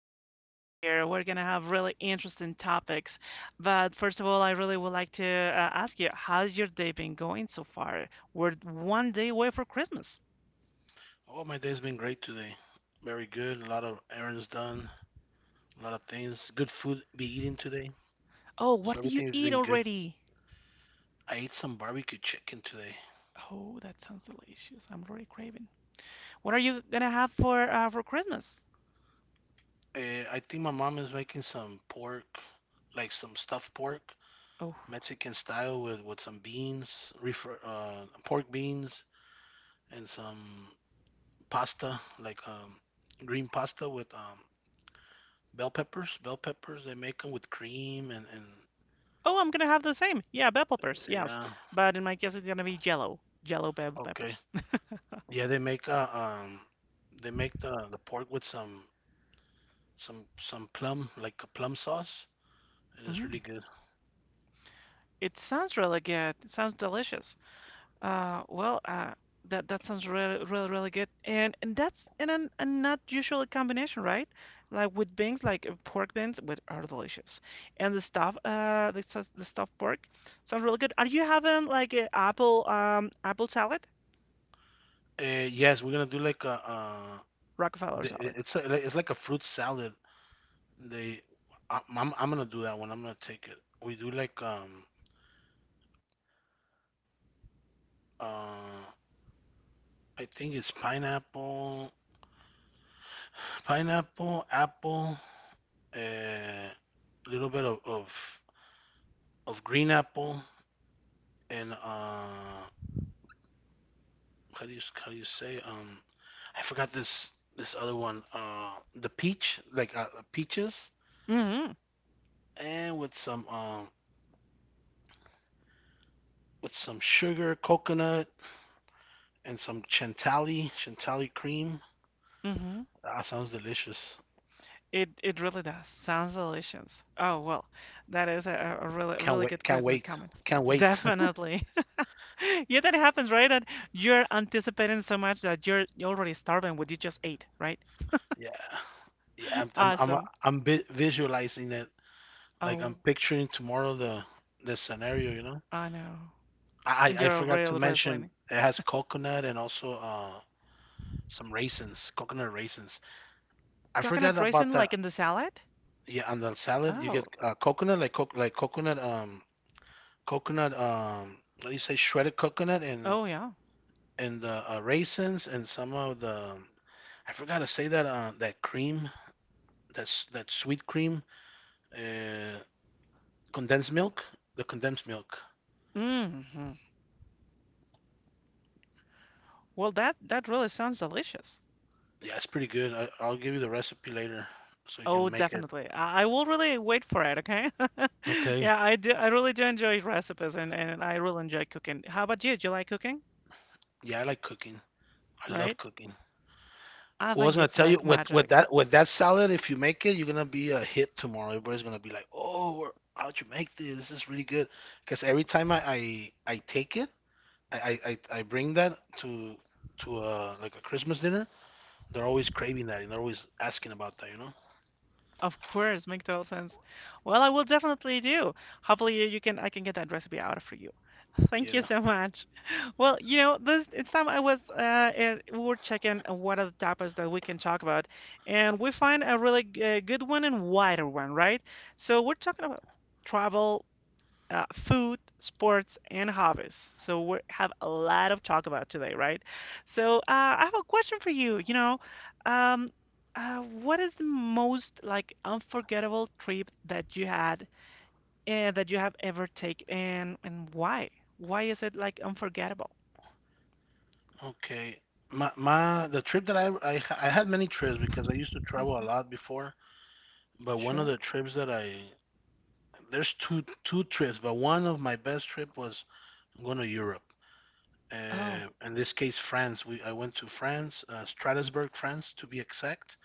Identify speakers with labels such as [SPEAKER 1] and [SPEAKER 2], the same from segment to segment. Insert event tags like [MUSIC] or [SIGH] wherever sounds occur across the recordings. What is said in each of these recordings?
[SPEAKER 1] to have you here. We're gonna have really interesting topics. But first of all, I really would like to ask you, how's your day been going so far? We're 1 day away for Christmas. Oh, what do you eat already? Oh, that sounds delicious. I'm already craving. What are you gonna have for Christmas? Oh, oh, I'm gonna have the same. Yeah, bell peppers. Yes, but in my case, it's gonna be Jello, Jello bell peppers. [LAUGHS] Mm, it sounds really good. It sounds delicious. Uh, well, uh, that sounds really, really, really good, and that's a not usual combination, right? Like with beans, like pork beans, with are delicious, and the stuff, the stuffed pork sounds really good. Are you having like a apple, apple salad, Rockefeller salad?
[SPEAKER 2] Uh, I think it's pineapple, pineapple, apple, a little bit of green apple, and how do you say? I forgot this other one. The peach, like peaches,
[SPEAKER 1] Mm-hmm.
[SPEAKER 2] and with some with some sugar, coconut, and some chantilly cream.
[SPEAKER 1] Mm-hmm.
[SPEAKER 2] That sounds delicious.
[SPEAKER 1] It really does. Sounds delicious. Oh well, that is a really
[SPEAKER 2] Can't
[SPEAKER 1] really
[SPEAKER 2] wait!
[SPEAKER 1] good
[SPEAKER 2] Can't
[SPEAKER 1] Christmas
[SPEAKER 2] wait!
[SPEAKER 1] coming.
[SPEAKER 2] Can't wait!
[SPEAKER 1] Definitely. [LAUGHS] [LAUGHS] Yeah, that happens, right? And you're anticipating so much that you're already starving what you just ate, right?
[SPEAKER 2] [LAUGHS] Yeah. Yeah, I'm I'm I'm,
[SPEAKER 1] Awesome.
[SPEAKER 2] I'm vi- visualizing it. Like I'm
[SPEAKER 1] Oh,
[SPEAKER 2] picturing tomorrow the scenario. You know,
[SPEAKER 1] I know.
[SPEAKER 2] I
[SPEAKER 1] And
[SPEAKER 2] I I
[SPEAKER 1] you're
[SPEAKER 2] forgot to
[SPEAKER 1] real
[SPEAKER 2] mention
[SPEAKER 1] wrestling.
[SPEAKER 2] it has coconut and also some raisins, coconut raisins. I
[SPEAKER 1] Coconut
[SPEAKER 2] forgot about
[SPEAKER 1] raisin
[SPEAKER 2] that.
[SPEAKER 1] like in the salad?
[SPEAKER 2] Yeah, on the salad you
[SPEAKER 1] Oh,
[SPEAKER 2] get coconut, like coconut, coconut, what do you say, shredded coconut, and
[SPEAKER 1] oh yeah.
[SPEAKER 2] and the raisins and some of the— I forgot to say that that cream, that's that sweet cream, uh condensed milk, the condensed milk.
[SPEAKER 1] Hmm. Well, that really sounds delicious.
[SPEAKER 2] Yeah, it's pretty good. I'll give you the recipe later so you
[SPEAKER 1] Oh,
[SPEAKER 2] can make it.
[SPEAKER 1] definitely. I will really wait for it, okay? [LAUGHS]
[SPEAKER 2] Okay.
[SPEAKER 1] Yeah, I do. I really do enjoy recipes and I really enjoy cooking. How about you? Do you like cooking?
[SPEAKER 2] Yeah, I like cooking. I
[SPEAKER 1] Right?
[SPEAKER 2] love cooking.
[SPEAKER 1] I
[SPEAKER 2] Well, I was
[SPEAKER 1] think
[SPEAKER 2] gonna
[SPEAKER 1] it's
[SPEAKER 2] tell you
[SPEAKER 1] like
[SPEAKER 2] with with
[SPEAKER 1] magic.
[SPEAKER 2] that with that salad, if you make it, you're gonna be a hit tomorrow. Everybody's gonna be like, "Oh, where- how'd you make this? This is really good." Because every time I take it, I, I bring that to like a Christmas dinner, they're always craving that and they're always asking about that, you know?
[SPEAKER 1] Of course, make total sense. Well, I will definitely do. Hopefully, you can I can get that recipe out for you. [LAUGHS] Thank you
[SPEAKER 2] Yeah.
[SPEAKER 1] so much. [LAUGHS] Well, you know, this it's time I was and we were checking what are the topics that we can talk about, and we find a really good one and wider one, right? So we're talking about travel, food, sports, and hobbies. So we have a lot of talk about today, right? So I have a question for you. You know, um, what is the most like unforgettable trip that you had that you have ever taken, and why? Why is it like unforgettable?
[SPEAKER 2] Okay. My the trip that I I had many trips because I used to travel a
[SPEAKER 1] Hmm.
[SPEAKER 2] lot before. But one of
[SPEAKER 1] Sure.
[SPEAKER 2] the trips that I— there's two trips, but one of my best trip was going to Europe.
[SPEAKER 1] Oh.
[SPEAKER 2] In this case, France. We I went to France, Strasbourg, France, to be exact,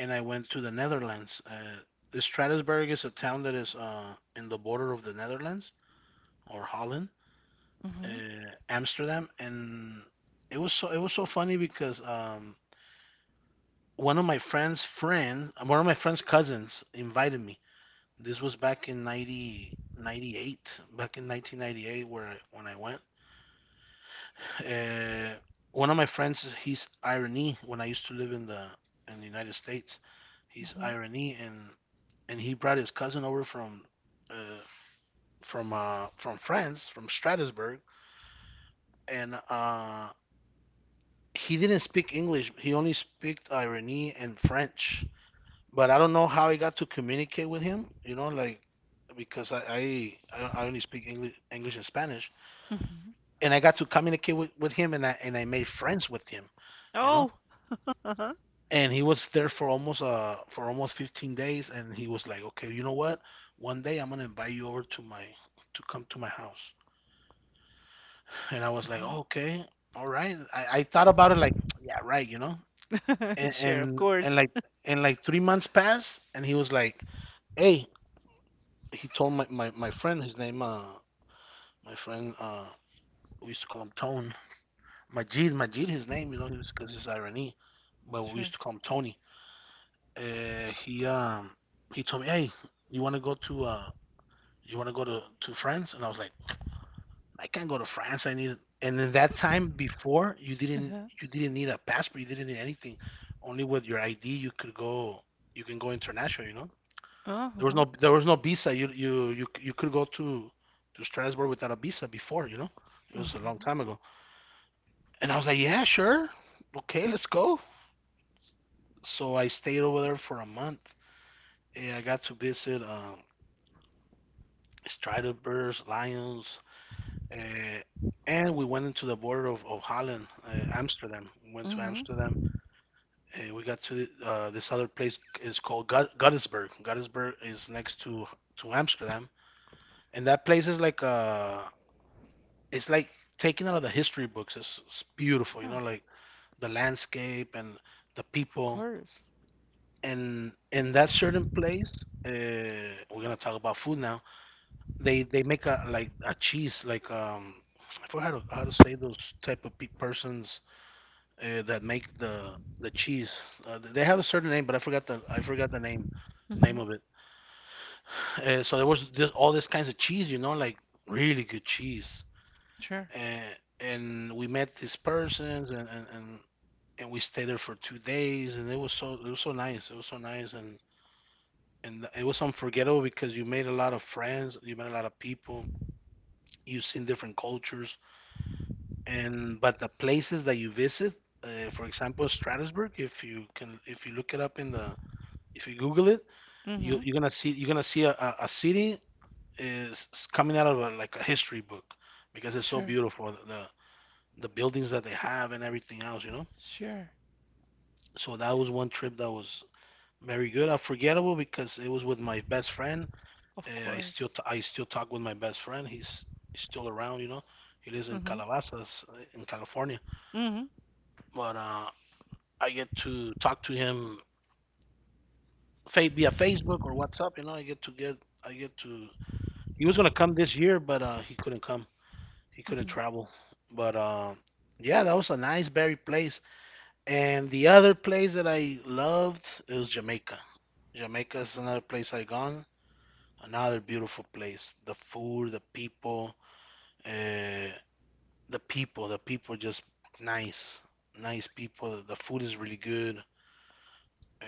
[SPEAKER 2] and I went to the Netherlands. Strasbourg is a town that is in the border of the Netherlands, or Holland, uh,
[SPEAKER 1] Mm-hmm.
[SPEAKER 2] Amsterdam, and it was so funny because one of my friends' friend, one of my friend's cousins invited me. This was back in 90 98, back in 1998 where I, when I went. Uh, one of my friends, he's irony when I used to live in the United States. He's
[SPEAKER 1] Mm-hmm.
[SPEAKER 2] irony, and he brought his cousin over from uh, from France, from Strasbourg, and he didn't speak English. He only spoke irony and French. But I don't know how I got to communicate with him. You know, like, because I only speak English, English and Spanish,
[SPEAKER 1] Hmm.
[SPEAKER 2] and I got to communicate with him, and I made friends with him. You know,
[SPEAKER 1] Oh. [LAUGHS] Uh-huh.
[SPEAKER 2] and he was there for almost 15 days, and he was like, okay, you know what? One day I'm gonna invite you over to my— to come to my house. And I was like,
[SPEAKER 1] Uh-huh.
[SPEAKER 2] oh, okay, all right. I thought about it like, yeah, right, you know,
[SPEAKER 1] [LAUGHS]
[SPEAKER 2] and
[SPEAKER 1] Sure. Of
[SPEAKER 2] and and
[SPEAKER 1] course.
[SPEAKER 2] like and like 3 months passed, and he was like, hey— he told my friend— his name, my friend we used to call him Tone. Majid, Majid his name, you know. He was— because he's Irani, but we used
[SPEAKER 1] Sure.
[SPEAKER 2] to call him Tony. Uh, he he told me, hey, you want to go to you want to go to France? And I was like, I can't go to France, I need— and in that time before, you didn't—
[SPEAKER 1] Uh-huh.
[SPEAKER 2] you didn't need a passport, you didn't need anything. Only with your ID you could go, you can go international, you know. There was
[SPEAKER 1] Uh-huh.
[SPEAKER 2] no— there was no visa. You could go to Strasbourg without a visa before, you know. It was a long
[SPEAKER 1] Uh-huh.
[SPEAKER 2] time ago. And I was like, yeah, sure. Okay, let's go. So I stayed over there for a month. And I got to visit Striderbirds, lions, uh, and we went into the border of Holland, Amsterdam. We went to
[SPEAKER 1] Mm-hmm.
[SPEAKER 2] Amsterdam, and we got to this other place, is called Gut- Guttersburg. Guttersburg is next to Amsterdam, and that place is like a— it's like taken out of the history books. It's beautiful, you know, like the landscape and the people.
[SPEAKER 1] Course.
[SPEAKER 2] And in that certain place, we're gonna talk about food now. They make a like a cheese, like I forgot how how to say those type of pe- persons that make the cheese. They have a certain name, but I forgot the— I forgot the name
[SPEAKER 1] Mm-hmm.
[SPEAKER 2] of it. [LAUGHS] So there was this, all this kinds of cheese, you know, like really good cheese.
[SPEAKER 1] Sure.
[SPEAKER 2] And and we met these persons, and and we stayed there for 2 days, and it was so nice. It was so nice, and it was unforgettable because you made a lot of friends, you met a lot of people, you've seen different cultures, and— but the places that you visit, for example, Strasbourg, if you can, if you look it up in the, if you Google it,
[SPEAKER 1] Mm-hmm.
[SPEAKER 2] you're gonna see a, a city is coming out of a, like a history book, because it's so
[SPEAKER 1] Sure.
[SPEAKER 2] beautiful the— the buildings that they have and everything else, you know.
[SPEAKER 1] Sure.
[SPEAKER 2] So that was one trip that was— very good. Unforgettable because it was with my best friend.
[SPEAKER 1] Of
[SPEAKER 2] I still
[SPEAKER 1] course.
[SPEAKER 2] t- I still talk with my best friend. He's still around, you know. He lives in
[SPEAKER 1] Mm-hmm.
[SPEAKER 2] Calabasas, in California.
[SPEAKER 1] Mm-hmm.
[SPEAKER 2] But I get to talk to him— fa- via Facebook or WhatsApp. You know, I get to. He was gonna come this year, but he couldn't come. He couldn't
[SPEAKER 1] Mm-hmm.
[SPEAKER 2] travel. But yeah, that was a nice berry place. And the other place that I loved is Jamaica. Jamaica is another place I've gone. Another beautiful place. The food, the people, uh, the people, the people are just nice, nice people. The food is really good, uh,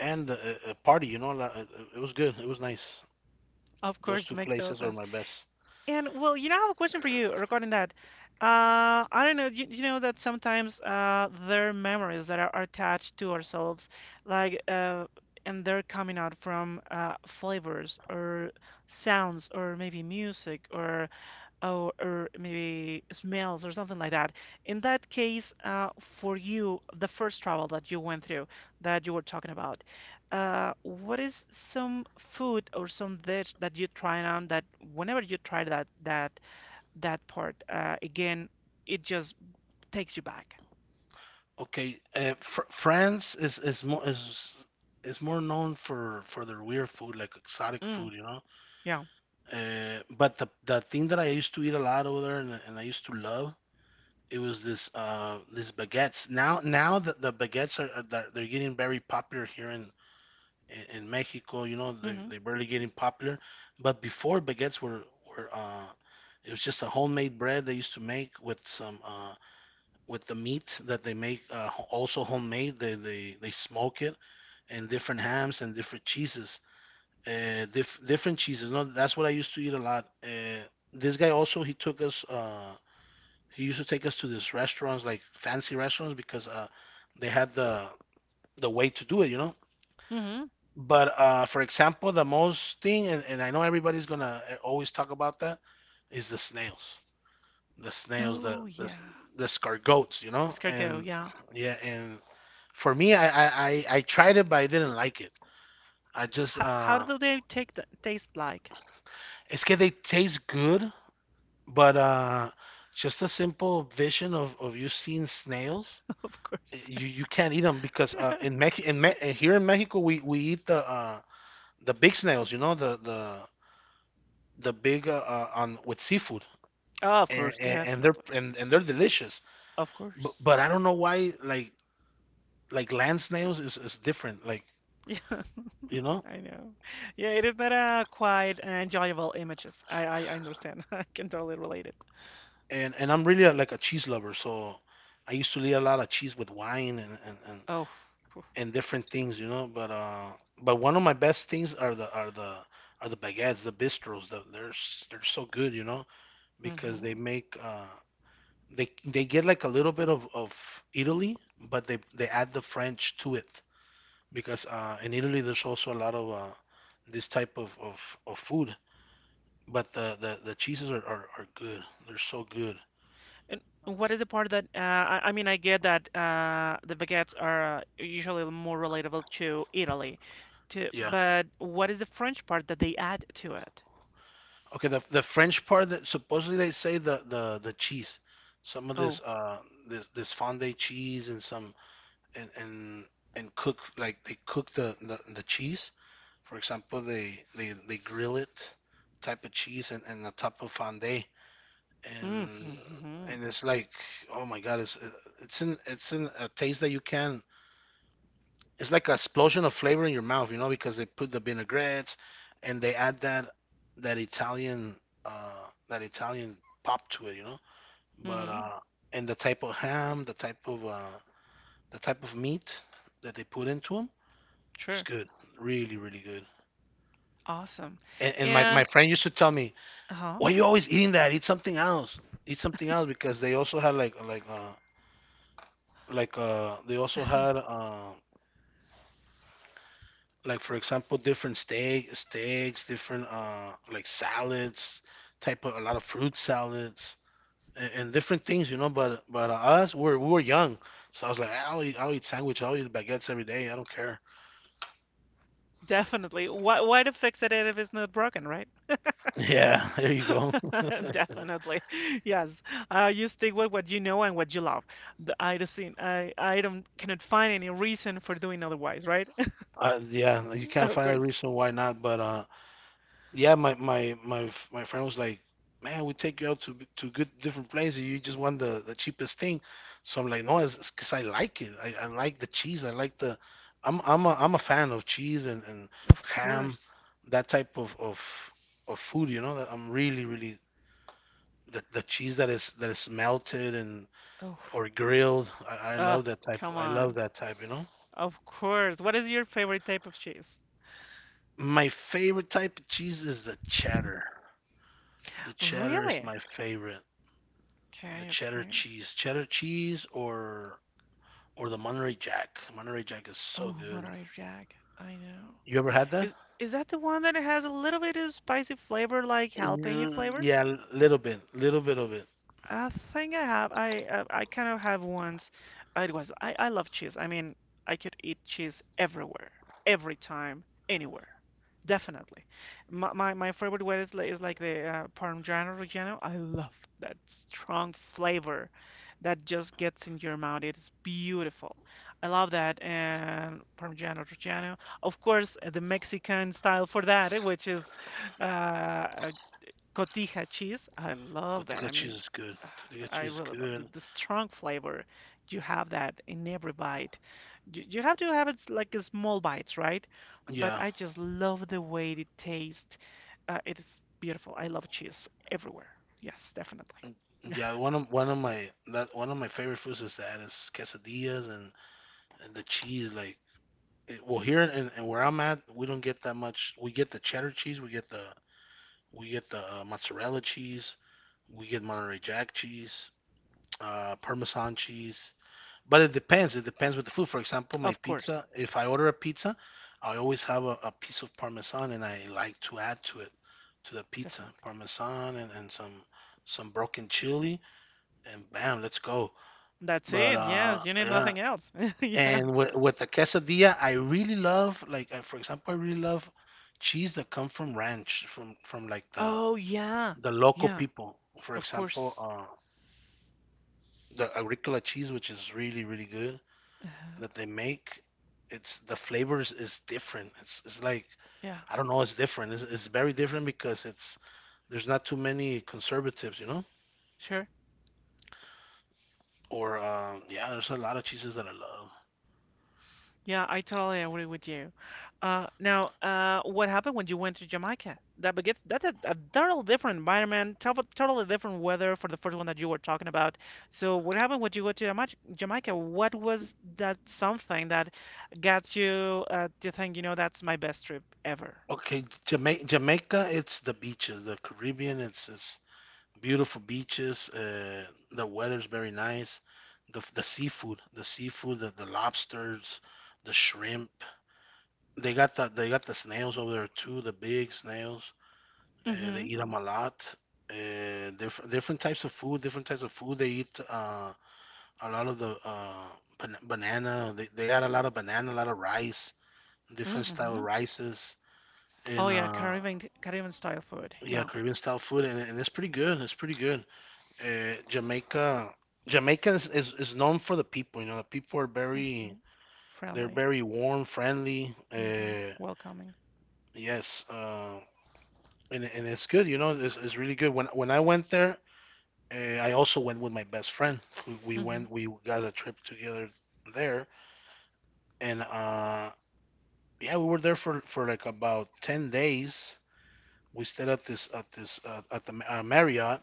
[SPEAKER 2] and the party. You know, it was good. It was nice.
[SPEAKER 1] Of
[SPEAKER 2] Those
[SPEAKER 1] course,
[SPEAKER 2] two
[SPEAKER 1] make total
[SPEAKER 2] places are
[SPEAKER 1] sense.
[SPEAKER 2] my best.
[SPEAKER 1] And well, you know, I have a question for you regarding that. I don't know. You know that sometimes there are memories that are attached to ourselves, like and they're coming out from flavors or sounds or maybe music or or maybe smells or something like that. In that case, for you, the first travel that you went through, that you were talking about, what is some food or some dish that you tried on that whenever you try that part again, it just takes you back.
[SPEAKER 2] Okay, fr- France is is more known for their weird food, like exotic
[SPEAKER 1] Mm,
[SPEAKER 2] food, you know.
[SPEAKER 1] yeah.
[SPEAKER 2] But the— the thing that I used to eat a lot over there, and I used to love it, was this baguettes. Now that the baguettes are— they're getting very popular here in in Mexico. You know,
[SPEAKER 1] Mm-hmm.
[SPEAKER 2] they are barely getting popular, but before, baguettes were it was just a homemade bread they used to make with some with the meat that they make ho- also homemade. They smoke it, and different hams and different cheeses. Dif- different cheeses. No, that's what I used to eat a lot. This guy also, he took us. He used to take us to these restaurants, like fancy restaurants, because they had the— the way to do it, you know.
[SPEAKER 1] Mm-hmm.
[SPEAKER 2] But for example, the most thing, and I know everybody's gonna always talk about that, is the snails, the snails,
[SPEAKER 1] Oh yeah,
[SPEAKER 2] the scargoats, you know.
[SPEAKER 1] escargot.
[SPEAKER 2] And
[SPEAKER 1] Yeah.
[SPEAKER 2] yeah, and for me, I tried it, but I didn't like it. I just
[SPEAKER 1] How do they take the, taste like?
[SPEAKER 2] it's que they taste good, but just a simple vision of you seeing snails.
[SPEAKER 1] [LAUGHS] Of course.
[SPEAKER 2] You can't eat them because in Mex- in Me- here in Mexico, we eat the big snails, you know, the big on with seafood,
[SPEAKER 1] Oh, of course,
[SPEAKER 2] and they're—
[SPEAKER 1] definitely.
[SPEAKER 2] and they're delicious.
[SPEAKER 1] Of course.
[SPEAKER 2] But I don't know why, like land snails is different, like,
[SPEAKER 1] [LAUGHS] Yeah.
[SPEAKER 2] you know.
[SPEAKER 1] I know. Yeah, it is not a quite enjoyable images. I understand. [LAUGHS] I can totally relate it.
[SPEAKER 2] And I'm really a, like a cheese lover, so I used to eat a lot of cheese with wine and
[SPEAKER 1] Oh.
[SPEAKER 2] and different things, you know. But one of my best things are the are the are the baguettes, the bistros. The, they're s- they're so good, you know, because they
[SPEAKER 1] Mm-hmm.
[SPEAKER 2] make they get like a little bit of Italy, but they add the French to it, because in Italy there's also a lot of this type of food. But the cheeses are good. They're so good.
[SPEAKER 1] And what is the part that I mean, I get that the baguettes are usually more relatable to Italy, to
[SPEAKER 2] Yeah.
[SPEAKER 1] but what is the French part that they add to it?
[SPEAKER 2] Okay, the— the French part that supposedly they say, the cheese. Some of this
[SPEAKER 1] Oh,
[SPEAKER 2] uh this this fondue cheese, and some and and, and cook, like they cook the cheese. For example, they grill it, type of cheese, and, the type of fondue. And
[SPEAKER 1] mm-hmm,
[SPEAKER 2] it's like, oh my god, it's in a taste that you can — it's like an explosion of flavor in your mouth, you know, because they put the vinaigrettes, and they add that Italian that Italian pop to it, you know. But
[SPEAKER 1] mm-hmm,
[SPEAKER 2] and the type of ham, the type of meat that they put into them. It's
[SPEAKER 1] sure,
[SPEAKER 2] good, really, really good.
[SPEAKER 1] awesome,
[SPEAKER 2] And my
[SPEAKER 1] and
[SPEAKER 2] friend used to tell me,
[SPEAKER 1] uh-huh,
[SPEAKER 2] "Why are you always eating that? Eat something else. Eat something else," because they also had like they also had like, for example, different steaks, different like salads, type of a lot of fruit salads, and, different things, you know. But us, we were young, so I was like, I'll eat sandwich, I'll eat baguettes every day. I don't care. [LAUGHS]
[SPEAKER 1] definitely. Why to fix it if it's not broken.
[SPEAKER 2] Yeah, there you go.
[SPEAKER 1] [LAUGHS]
[SPEAKER 2] [LAUGHS]
[SPEAKER 1] Definitely. Yes. You stick with what you know and what you love. The, I just seen, I don't cannot find any reason for doing otherwise, right? [LAUGHS]
[SPEAKER 2] Yeah, you can't
[SPEAKER 1] Of
[SPEAKER 2] find a
[SPEAKER 1] course.
[SPEAKER 2] reason why not, but yeah, my friend was like, "Man, we take you out to good different places. You just want the cheapest thing." So I'm like, "No, it's because I like it. I like the cheese. I like the I'm a fan of cheese and
[SPEAKER 1] Of
[SPEAKER 2] ham,
[SPEAKER 1] course.
[SPEAKER 2] that type of food. You know, that I'm really, really — the cheese that is melted, and —
[SPEAKER 1] Oh.
[SPEAKER 2] or grilled. I
[SPEAKER 1] Uh,
[SPEAKER 2] love that type.
[SPEAKER 1] come
[SPEAKER 2] I love
[SPEAKER 1] on.
[SPEAKER 2] that type. You know,
[SPEAKER 1] Of course. What is your favorite type of cheese?
[SPEAKER 2] my favorite type of cheese is the cheddar. The cheddar is
[SPEAKER 1] Really?
[SPEAKER 2] my favorite. The
[SPEAKER 1] Okay, okay.
[SPEAKER 2] cheddar cheese, or the Monterey Jack. Monterey Jack is so
[SPEAKER 1] Oh,
[SPEAKER 2] good.
[SPEAKER 1] Monterey Jack. I know.
[SPEAKER 2] You ever had that?
[SPEAKER 1] Is that the one that has a little bit of spicy flavor like jalapeno
[SPEAKER 2] Mm,
[SPEAKER 1] flavor?
[SPEAKER 2] yeah, a little bit of it.
[SPEAKER 1] I think I have. I kind of have once. It was I love cheese. I mean, I could eat cheese everywhere, every time, anywhere. Definitely. My favorite one is like the Parmigiano Reggiano. I love that strong flavor that just gets in your mouth. It is beautiful. I love that and Parmigiano Reggiano. Of course, the Mexican style for that, eh, which is uh, cotija cheese. I love that.
[SPEAKER 2] Gotica
[SPEAKER 1] I
[SPEAKER 2] cheese
[SPEAKER 1] mean,
[SPEAKER 2] is good.
[SPEAKER 1] [SIGHS]
[SPEAKER 2] Gotica
[SPEAKER 1] I
[SPEAKER 2] cheese is
[SPEAKER 1] really love
[SPEAKER 2] good.
[SPEAKER 1] the strong flavor. You have that in every bite. You have to have it like a small bites, right? But
[SPEAKER 2] Yeah.
[SPEAKER 1] I just love the way it tastes. It is beautiful. I love cheese everywhere. Yes, definitely.
[SPEAKER 2] Mm,
[SPEAKER 1] [LAUGHS] Yeah,
[SPEAKER 2] yeah. One of my favorite foods is that is quesadillas and the cheese. Like, it, well, here, and where I'm at, we don't get that much. We get the cheddar cheese. We get the mozzarella cheese. We get Monterey Jack cheese, Parmesan cheese. But it depends. It depends with the food. For example, my
[SPEAKER 1] of course,
[SPEAKER 2] pizza, if I order a pizza, I always have a piece of parmesan, and I like to add to it, to the pizza,
[SPEAKER 1] definitely.
[SPEAKER 2] parmesan, and, some broken chili, and bam, let's go.
[SPEAKER 1] That's
[SPEAKER 2] But
[SPEAKER 1] it. Yes, you need
[SPEAKER 2] yeah,
[SPEAKER 1] nothing else. [LAUGHS] Yeah.
[SPEAKER 2] and with the quesadilla, I really love, like for example, I really love cheese that come from ranch, from like
[SPEAKER 1] Oh yeah,
[SPEAKER 2] the local
[SPEAKER 1] yeah.
[SPEAKER 2] people. For
[SPEAKER 1] Of
[SPEAKER 2] example,
[SPEAKER 1] course.
[SPEAKER 2] the Agricola cheese, which is really, really good,
[SPEAKER 1] [SIGHS] Uh-huh.
[SPEAKER 2] that they make. It's the flavors is different. It's like,
[SPEAKER 1] Yeah,
[SPEAKER 2] I don't know, it's different. It's very different because it's there's not too many conservatives, you know.
[SPEAKER 1] sure.
[SPEAKER 2] Or yeah, there's a lot of cheeses that I love.
[SPEAKER 1] Yeah, I totally agree with you. Now, what happened when you went to Jamaica? That begins, that's a totally different environment, totally different weather for the first one that you were talking about. So, what happened when you went to Jamaica? Jamaica? What was that something that got you to think, you know, that's my best trip ever?
[SPEAKER 2] Okay, Jamaica. Jamaica, it's the beaches. The Caribbean, it's beautiful beaches. The weather's very nice. The seafood, the seafood, the lobsters, the shrimp. They got they got the snails over there too, the big snails. They
[SPEAKER 1] Mm-hmm.
[SPEAKER 2] eat them a lot. Different types of food, different types of food. They eat a lot of the banana. They add a lot of banana, a lot of rice, different style
[SPEAKER 1] Mm-hmm.
[SPEAKER 2] rices,
[SPEAKER 1] Oh
[SPEAKER 2] and
[SPEAKER 1] yeah, Caribbean style food.
[SPEAKER 2] yeah,
[SPEAKER 1] Yeah.
[SPEAKER 2] Caribbean style food, and it's pretty good. It's pretty good. Jamaica. Jamaica is known for the people. You know, the people are very —
[SPEAKER 1] Mm-hmm.
[SPEAKER 2] they're
[SPEAKER 1] Friendly.
[SPEAKER 2] very warm, friendly.
[SPEAKER 1] Mm-hmm. Welcoming.
[SPEAKER 2] Yes. And it's good. You know, it's really good. When I went there, I also went with my best friend.
[SPEAKER 1] Mm-hmm.
[SPEAKER 2] We got a trip together there, and yeah, we were there for like about 10 days. We stayed at this at this at the Marriott,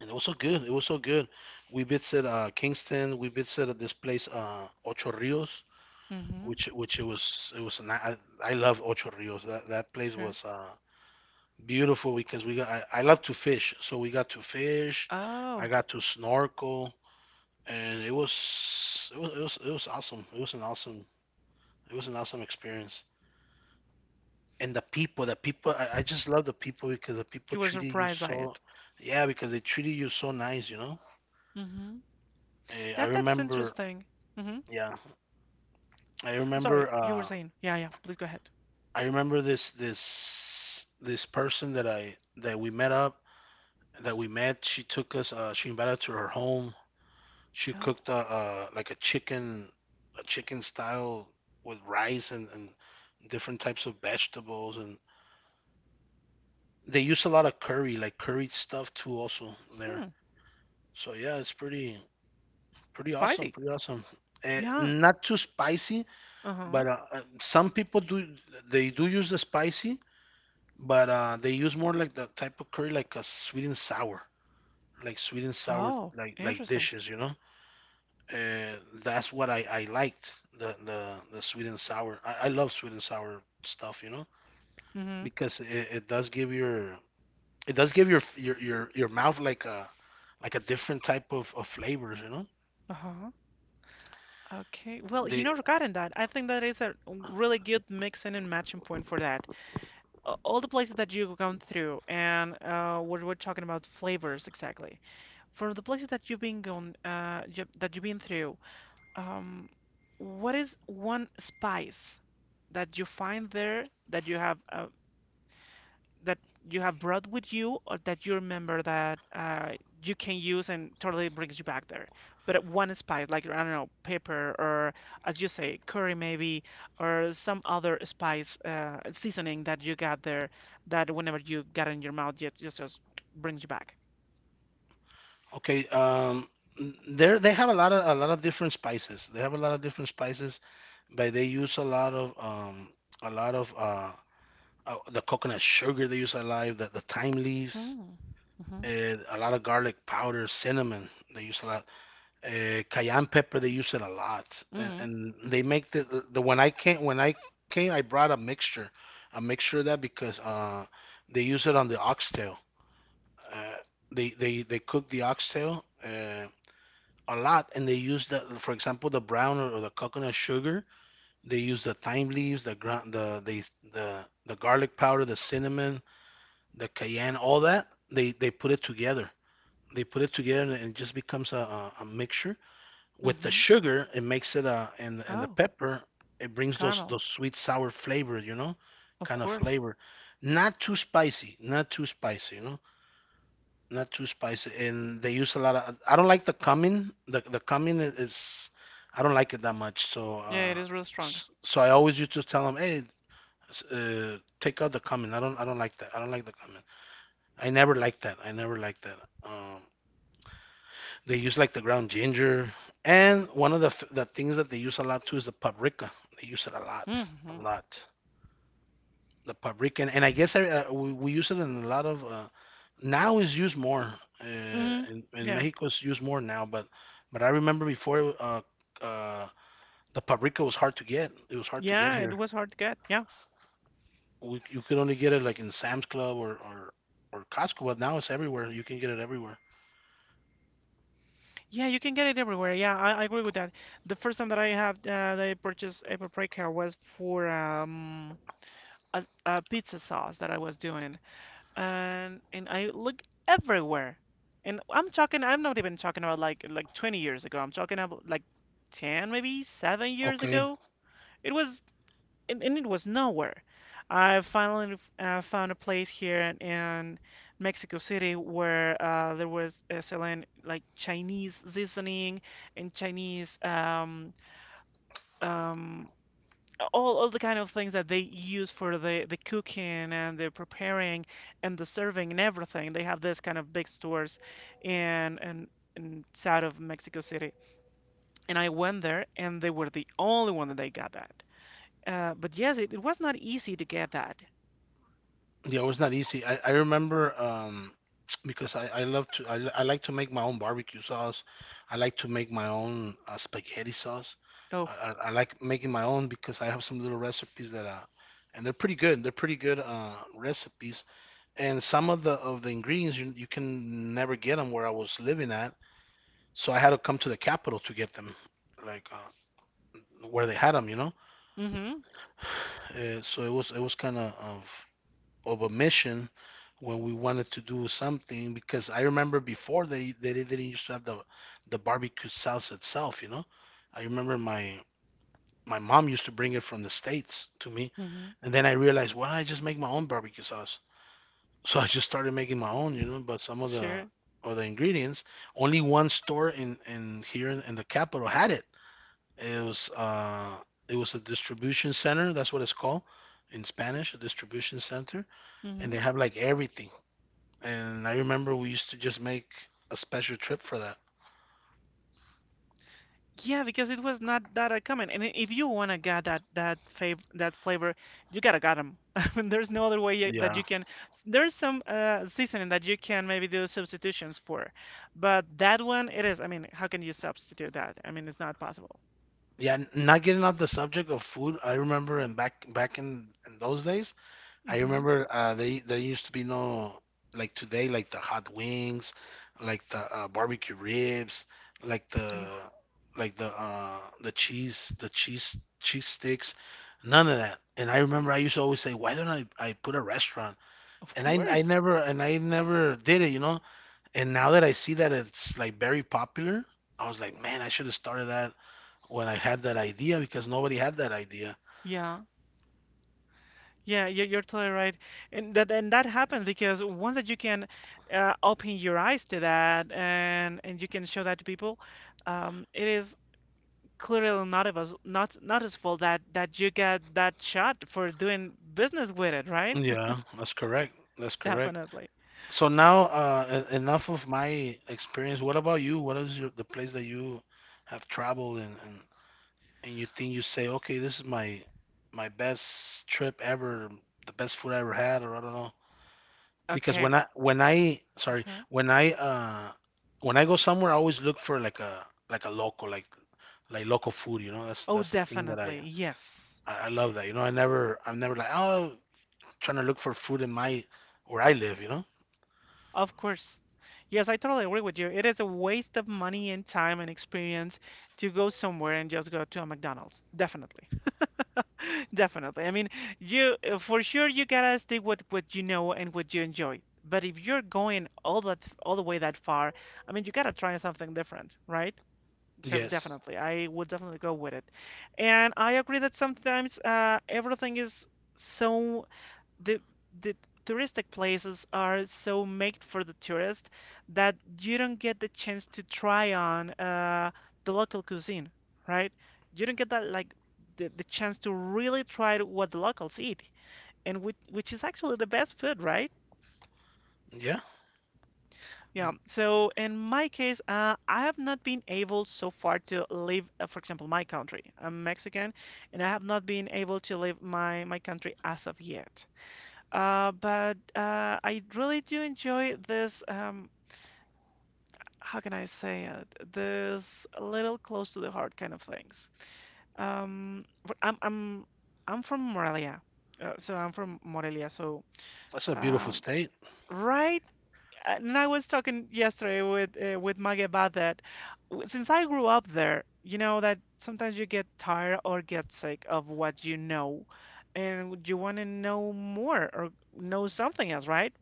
[SPEAKER 2] and it was so good. It was so good. We visited Kingston. We visited at this place Ocho Rios,
[SPEAKER 1] Mm-hmm.
[SPEAKER 2] which it was. An, I love Ocho Rios. That place
[SPEAKER 1] Sure.
[SPEAKER 2] was beautiful because we got — I love to fish, so we got to fish. I
[SPEAKER 1] Oh.
[SPEAKER 2] got to snorkel, and it was awesome. It was an awesome experience. And the people, I just love the people, because the people
[SPEAKER 1] You were
[SPEAKER 2] treated you
[SPEAKER 1] surprised by
[SPEAKER 2] so —
[SPEAKER 1] it.
[SPEAKER 2] yeah, because they treated you so nice, you know.
[SPEAKER 1] Mm-hmm.
[SPEAKER 2] I
[SPEAKER 1] That that's
[SPEAKER 2] remember.
[SPEAKER 1] interesting. Hmm.
[SPEAKER 2] Yeah, I
[SPEAKER 1] I'm
[SPEAKER 2] remember,
[SPEAKER 1] sorry, you were
[SPEAKER 2] uh,
[SPEAKER 1] saying. Yeah, yeah. Please go ahead.
[SPEAKER 2] I remember this this person that we met up, that we met. She took us — she invited us to her home. She
[SPEAKER 1] Oh,
[SPEAKER 2] cooked like a chicken style, with rice and different types of vegetables, and they use a lot of curry, like curried stuff too, also there.
[SPEAKER 1] hmm.
[SPEAKER 2] So yeah, it's pretty awesome,
[SPEAKER 1] Spicy.
[SPEAKER 2] pretty awesome.
[SPEAKER 1] Yeah.
[SPEAKER 2] Not too spicy,
[SPEAKER 1] Uh-huh.
[SPEAKER 2] but some people do, they do use the spicy, but they use more like the type of curry, like a sweet and sour, like sweet and sour,
[SPEAKER 1] Oh,
[SPEAKER 2] like
[SPEAKER 1] interesting.
[SPEAKER 2] dishes, you know. Uh, that's what I liked, the sweet and sour. I love sweet and sour stuff, you know,
[SPEAKER 1] Mm-hmm.
[SPEAKER 2] because it does give your — it does give your mouth like a — like a different type of flavors, you know.
[SPEAKER 1] Uh-huh. Okay. Well, you
[SPEAKER 2] They —
[SPEAKER 1] know, regarding that, I think that is a really good mixing and matching point for that. All the places that you've gone through and what we're talking about flavors exactly. From the places that you've been going, that you've been through, Um, what is one spice that you find there that you have brought with you or that you remember that you can use and totally brings you back there? But one spice, like I don't know, pepper or as you say, curry maybe, or some other spice seasoning that you got there that whenever you got in your mouth, just brings you back.
[SPEAKER 2] okay. There they have a lot of different spices. They have a lot of different spices, but they use a lot of a lot of uh, the coconut sugar, they use a lot, the thyme leaves,
[SPEAKER 1] Hmm. Mm-hmm.
[SPEAKER 2] and a lot of garlic powder, cinnamon. They use a lot. Cayenne pepper, they use it a lot, and
[SPEAKER 1] Mm-hmm.
[SPEAKER 2] they make the when I came, when I came, I brought a mixture of that because they use it on the oxtail. Uh, they cook the oxtail a lot, and they use the for example the brown, or the coconut sugar. They use the thyme leaves, the ground, the the garlic powder, the cinnamon, the cayenne, all that. They put it together. They put it together, and it just becomes a mixture. With the
[SPEAKER 1] Mm-hmm.
[SPEAKER 2] sugar, it makes it and the
[SPEAKER 1] Oh,
[SPEAKER 2] pepper, it brings
[SPEAKER 1] caramel.
[SPEAKER 2] those sweet sour flavor, you know,
[SPEAKER 1] Of
[SPEAKER 2] kind of
[SPEAKER 1] course.
[SPEAKER 2] flavor. Not too spicy, not too spicy, you know, not too spicy. And they use a lot of. I don't like the cumin. The cumin is I don't like it that much. So
[SPEAKER 1] Yeah, it is real strong.
[SPEAKER 2] so I always used to tell them, hey, take out the cumin. I don't like that. I don't like the cumin. I never liked that. I never liked that. Um, they use like the ground ginger, and one of the things that they use a lot too is the paprika. They use it a lot,
[SPEAKER 1] Mm-hmm.
[SPEAKER 2] a lot. The paprika. And, I guess we use it in a lot of — now is used more,
[SPEAKER 1] Mm-hmm.
[SPEAKER 2] in
[SPEAKER 1] Yeah.
[SPEAKER 2] Mexico it's used more now, but I remember before uh, the paprika was hard to get. It was hard to get
[SPEAKER 1] Yeah, it
[SPEAKER 2] here.
[SPEAKER 1] was hard to get. Yeah.
[SPEAKER 2] You could only get it like in Sam's Club, or Costco, but now it's everywhere. You can get it everywhere.
[SPEAKER 1] Yeah, you can get it everywhere. Yeah, I agree with that. The first time that I have that I purchased a paprika was for a pizza sauce that I was doing. And I look everywhere. And I'm not even talking about like 20 years ago. I'm talking about like 10 maybe 7 years
[SPEAKER 2] Okay.
[SPEAKER 1] ago. It was and it was nowhere. I finally found a place here in Mexico City where there was selling like Chinese seasoning and Chinese um, all the kind of things that they use for the cooking and the preparing and the serving and everything. They have this kind of big stores in, in, inside of Mexico City. And I went there and they were the only one that they got that. But yes, it was not easy to get that.
[SPEAKER 2] Yeah, it was not easy. I remember, because I love to — I like to make my own barbecue sauce. I like to make my own spaghetti sauce.
[SPEAKER 1] Oh,
[SPEAKER 2] I, I like making my own because I have some little recipes that and they're pretty good. They're pretty good recipes. And some of the ingredients, you can never get them where I was living at, so I had to come to the capital to get them, like where they had them, you know.
[SPEAKER 1] mm-hmm,
[SPEAKER 2] So it was kind of a mission when we wanted to do something, because I remember, before, they didn't used to have the barbecue sauce itself, you know. I remember, my mom used to bring it from the States to me,
[SPEAKER 1] mm-hmm,
[SPEAKER 2] and then I realized, why don't I just make my own barbecue sauce? [LAUGHS] So I just started making my own, you know, but some
[SPEAKER 1] sure,
[SPEAKER 2] of the ingredients, only one store in here in the capital had it. It was uh it was a distribution center, that's what it's called in Spanish, a distribution center, and
[SPEAKER 1] mm-hmm.
[SPEAKER 2] they have like everything. And I remember, we used to just make a special trip for that.
[SPEAKER 1] Yeah, because it was not that common. And if you wanna get that that fav that flavor, you gotta get them. [LAUGHS] I mean, there's no other way that
[SPEAKER 2] Yeah.
[SPEAKER 1] you can. There's some seasoning that you can maybe do substitutions for, but that one it is. I mean, how can you substitute that? I mean, it's not possible.
[SPEAKER 2] Yeah, not getting off the subject of food, I remember and back in those days, I
[SPEAKER 1] Mm-hmm.
[SPEAKER 2] remember they there used to be no like today, like the hot wings, like the barbecue ribs, like
[SPEAKER 1] Oh,
[SPEAKER 2] the like the cheese, the cheese sticks, none of that. And I remember I used to always say, why don't I put a restaurant?
[SPEAKER 1] of
[SPEAKER 2] And I
[SPEAKER 1] course.
[SPEAKER 2] never and I never did it, you know? And now that I see that it's like very popular, I was like, man, I should have started that when I had that idea because nobody had that idea.
[SPEAKER 1] Yeah. Yeah, you're totally right, and that happens because once that you can open your eyes to that and you can show that to people, it is clearly not of us not noticeable that you get that shot for doing business with it, right?
[SPEAKER 2] Yeah, that's correct. That's
[SPEAKER 1] [LAUGHS]
[SPEAKER 2] correct.
[SPEAKER 1] Definitely.
[SPEAKER 2] So now, enough of my experience. What about you? What is your, the place that you have traveled and you think you say, okay, this is my my best trip ever, the best food I ever had, or I don't know. Because
[SPEAKER 1] Okay. Huh?
[SPEAKER 2] when I go somewhere, I always look for like a local, like local food. You know,
[SPEAKER 1] Oh,
[SPEAKER 2] that's the thing that
[SPEAKER 1] definitely. Yes.
[SPEAKER 2] I love that. You know, I never I'm never like, oh, trying to look for food in my where I live. You know.
[SPEAKER 1] Of course. Yes, I totally agree with you. It is a waste of money and time and experience to go somewhere and just go to a McDonald's. Definitely. [LAUGHS] Definitely. I mean, you for sure you gotta stick with what you know and what you enjoy. But if you're going all the way that far, I mean, you gotta try something different, right? So
[SPEAKER 2] Yes.
[SPEAKER 1] definitely, I would definitely go with it. And I agree that sometimes everything is so the the touristic places are so made for the tourist that you don't get the chance to try on the local cuisine, right? You don't get that like the chance to really try what the locals eat, and which is actually the best food, right?
[SPEAKER 2] Yeah.
[SPEAKER 1] Yeah. So in my case, I have not been able so far to leave, for example, my country. I'm Mexican, and I have not been able to leave my country as of yet. But I really do enjoy this. How can I say it? This little close to the heart kind of things. But I'm from Morelia, so I'm from Morelia.
[SPEAKER 2] That's a beautiful
[SPEAKER 1] Um,
[SPEAKER 2] state.
[SPEAKER 1] right, and I was talking yesterday with Maggie about that. Since I grew up there, you know that sometimes you get tired or get sick of what you know, and you want to know more or know something else, right?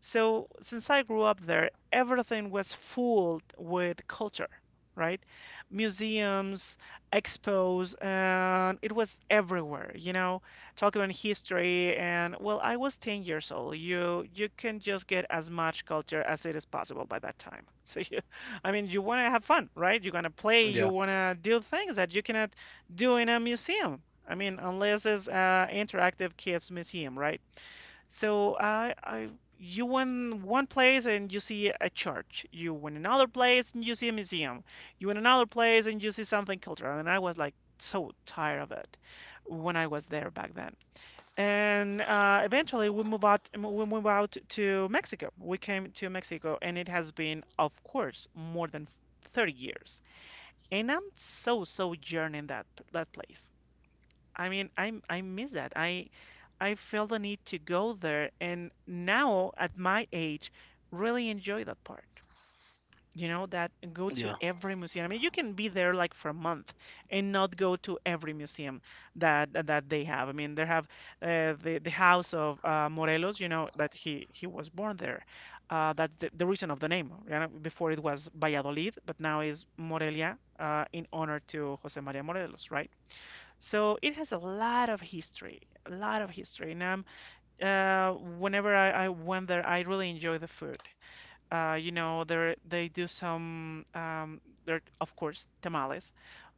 [SPEAKER 1] So since I grew up there, everything was full with culture, right? Museums, expos, and it was everywhere, you know, talking about history and well, I was 10 years old. You can just get as much culture as it is possible by that time. So you, [LAUGHS] I mean, you want to have fun, right? You're gonna play, you
[SPEAKER 2] Yeah.
[SPEAKER 1] wanna do things that you cannot do in a museum. I mean, unless it's interactive kids museum, right? So you went one place and you see a church. You went another place and you see a museum. You went another place and you see something cultural. And I was like so tired of it when I was there back then. And eventually we move out to Mexico. We came to Mexico, and it has been, of course, more than 30 years. And I'm so, so yearning that that place. I mean, I miss that. I feel the need to go there, and now at my age, really enjoy that part. You know, that go to
[SPEAKER 2] Yeah.
[SPEAKER 1] every museum. I mean, you can be there like for a month and not go to every museum that they have. I mean, they have the house of Morelos. You know that he was born there. That's the reason of the name. You know, before it was Valladolid, but now is Morelia in honor to José María Morelos, right? So it has a lot of history, a lot of history. And uh, whenever I went there, I really enjoy the food. You know, there they do some, they're of course tamales,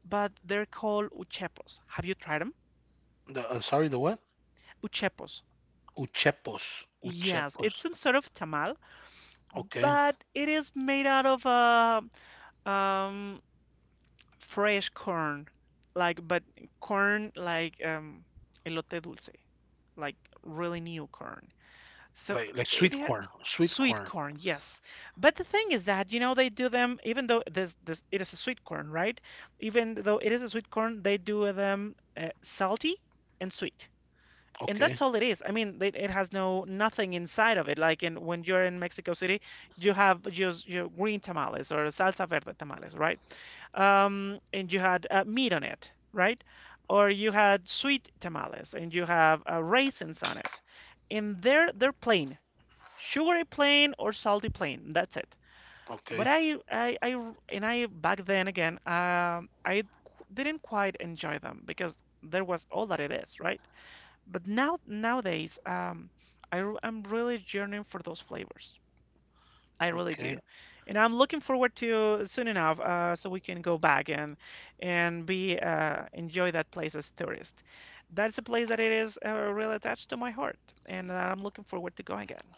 [SPEAKER 1] but they're called uchepos. Have you tried them?
[SPEAKER 2] The, sorry, the what?
[SPEAKER 1] Uchepos.
[SPEAKER 2] Uchepos.
[SPEAKER 1] Yes, it's
[SPEAKER 2] Uchepos.
[SPEAKER 1] some sort of tamal,
[SPEAKER 2] Okay.
[SPEAKER 1] but it is made out of um, fresh corn, like but corn like elote dulce, like really new corn. So
[SPEAKER 2] Like
[SPEAKER 1] it
[SPEAKER 2] sweet
[SPEAKER 1] had
[SPEAKER 2] corn. Sweet
[SPEAKER 1] sweet
[SPEAKER 2] corn.
[SPEAKER 1] corn, yes. But the thing is that, you know, they do them even though this it is a sweet corn, right? Even though it is a sweet corn, they do them salty and sweet. And
[SPEAKER 2] Okay.
[SPEAKER 1] that's all it is. I mean, it has no nothing inside of it. Like in when you're in Mexico City, you have just your green tamales or salsa verde tamales, right? And you had meat on it, right? Or you had sweet tamales and you have raisins on it. And they're plain sugary plain or salty plain. That's it. But
[SPEAKER 2] Okay.
[SPEAKER 1] I and I back then again, I didn't quite enjoy them because there was all that it is, right? But now nowadays, I'm really yearning for those flavors. I really do,
[SPEAKER 2] Okay.
[SPEAKER 1] and I'm looking forward to soon enough, so we can go back and be enjoy that place as tourists. That's a place that it is really attached to my heart, and I'm looking forward to going again.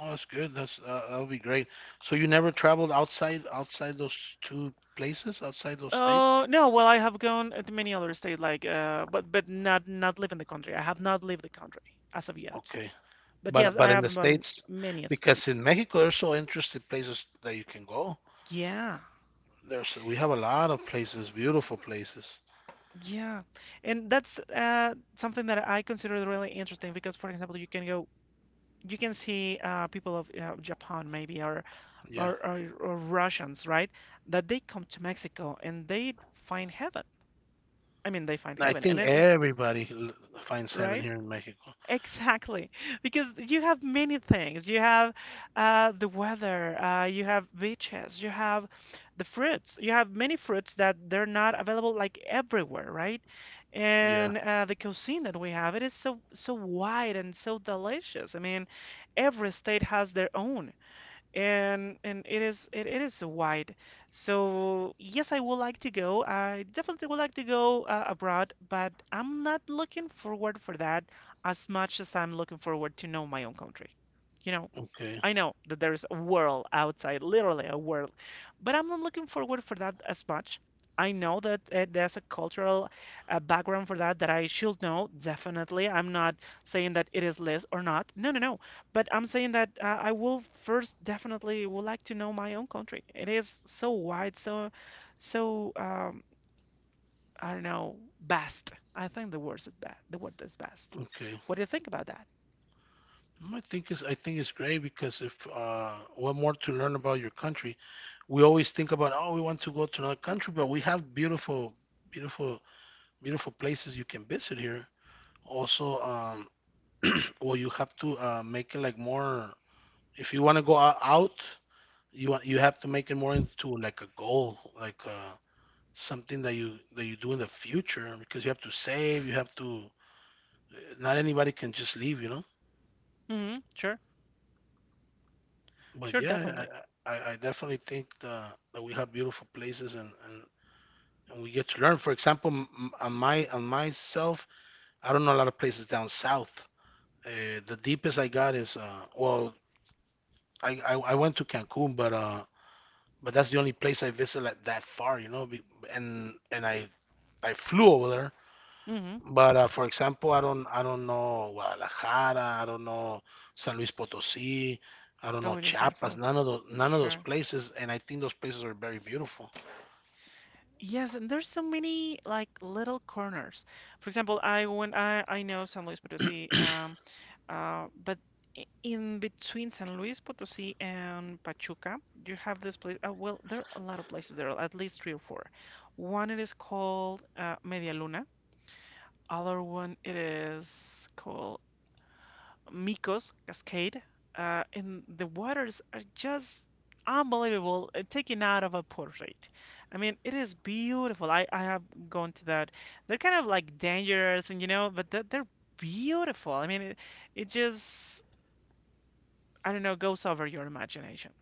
[SPEAKER 2] Oh, that's good. That's that will be great. So you never traveled outside those two places, outside those states?
[SPEAKER 1] Oh, no, well, I have gone to many other states, like, but not not live in the country. I have not lived the country as of yet.
[SPEAKER 2] Okay.
[SPEAKER 1] But yes, I
[SPEAKER 2] But in the
[SPEAKER 1] have gone
[SPEAKER 2] States,
[SPEAKER 1] many
[SPEAKER 2] because
[SPEAKER 1] states.
[SPEAKER 2] in Mexico there's so interesting places that you can go.
[SPEAKER 1] Yeah,
[SPEAKER 2] There's we have a lot of places, beautiful places.
[SPEAKER 1] yeah, and that's something that I consider really interesting because, for example, you can go, you can see people of Japan maybe or,
[SPEAKER 2] Yeah.
[SPEAKER 1] or Russians, right? That they come to Mexico and they find heaven. I mean, they find
[SPEAKER 2] I
[SPEAKER 1] heaven, and
[SPEAKER 2] think
[SPEAKER 1] then and
[SPEAKER 2] finds heaven
[SPEAKER 1] right?
[SPEAKER 2] here in Mexico.
[SPEAKER 1] Exactly, because you have many things. You have the weather, you have beaches, you have the fruits. You have many fruits that they're not available like everywhere, right?
[SPEAKER 2] Yeah.
[SPEAKER 1] And the cuisine that we have, it is so so wide and so delicious. I mean, every state has their own and it is it, it is wide. So yes, I would like to go. I definitely would like to go abroad, but I'm not looking forward for that as much as I'm looking forward to know my own country. You know.
[SPEAKER 2] Okay.
[SPEAKER 1] I know that there's a world outside, literally a world, but I'm not looking forward for that as much. I know that there's a cultural background for that that I should know, definitely. I'm not saying that it is less or not. No, no, no. But I'm saying that I will first definitely would like to know my own country. It is so wide, so, so I don't know, vast. I think the word is ba the word is vast.
[SPEAKER 2] Okay.
[SPEAKER 1] What do you think about that?
[SPEAKER 2] Mm, I think it's great because if what more to learn about your country, we always think about, oh, we want to go to another country, but we have beautiful, beautiful, beautiful places you can visit here. Also, [CLEARS THROAT] well you have to make it like more. If you want to go out, you want you have to make it more into like a goal, like something that you do in the future because you have to save. You have to. Not anybody can just leave, you know.
[SPEAKER 1] Sure,
[SPEAKER 2] But
[SPEAKER 1] sure,
[SPEAKER 2] yeah,
[SPEAKER 1] definitely.
[SPEAKER 2] I definitely think that that we have beautiful places and and. And we get to learn. For example, on my on myself, I don't know a lot of places down south. The deepest I got is well, I went to Cancun, but that's the only place I visit like that far, you know. And I flew over there,
[SPEAKER 1] hmm
[SPEAKER 2] but for example, I don't know Guadalajara, I don't know San Luis Potosí, I don't
[SPEAKER 1] Oh,
[SPEAKER 2] know
[SPEAKER 1] it is
[SPEAKER 2] Chiapas,
[SPEAKER 1] beautiful.
[SPEAKER 2] none of those none of those
[SPEAKER 1] Sure.
[SPEAKER 2] places, and I think those places are very beautiful. [CLEARS THROAT]
[SPEAKER 1] Yes, and there's so many like little corners. For example, I when I know San Luis Potosí, but in between San Luis Potosí and Pachuca, you have this place. Well, there are a lot of places there, are at least three or four. One it is called Media Luna. Other one it is called Mikos Cascade, and the waters are just unbelievable, taken out of a portrait. I mean, it is beautiful. I have gone to that. They're kind of like dangerous, and you know, but they're beautiful. I mean, it just, I don't know, goes over your imagination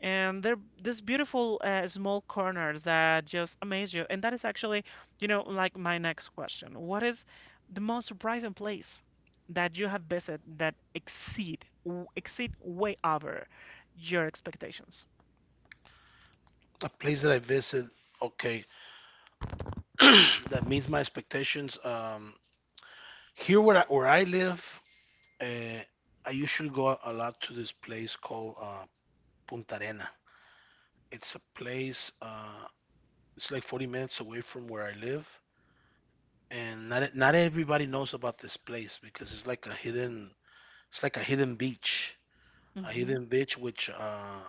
[SPEAKER 1] and they're these beautiful small corners that just amaze you. And that is actually, you know, like my next question. What is the most surprising place that you have visited that exceed way over your expectations?
[SPEAKER 2] A place that I visit, okay, [CLEARS THROAT] that meets my expectations. Here where where I live, uh, I usually go a lot to this place called Punta Arena. It's a place. It's like 40 minutes away from where I live, and not not everybody knows about this place because it's like a hidden it's like a
[SPEAKER 1] Mm-hmm,
[SPEAKER 2] hidden beach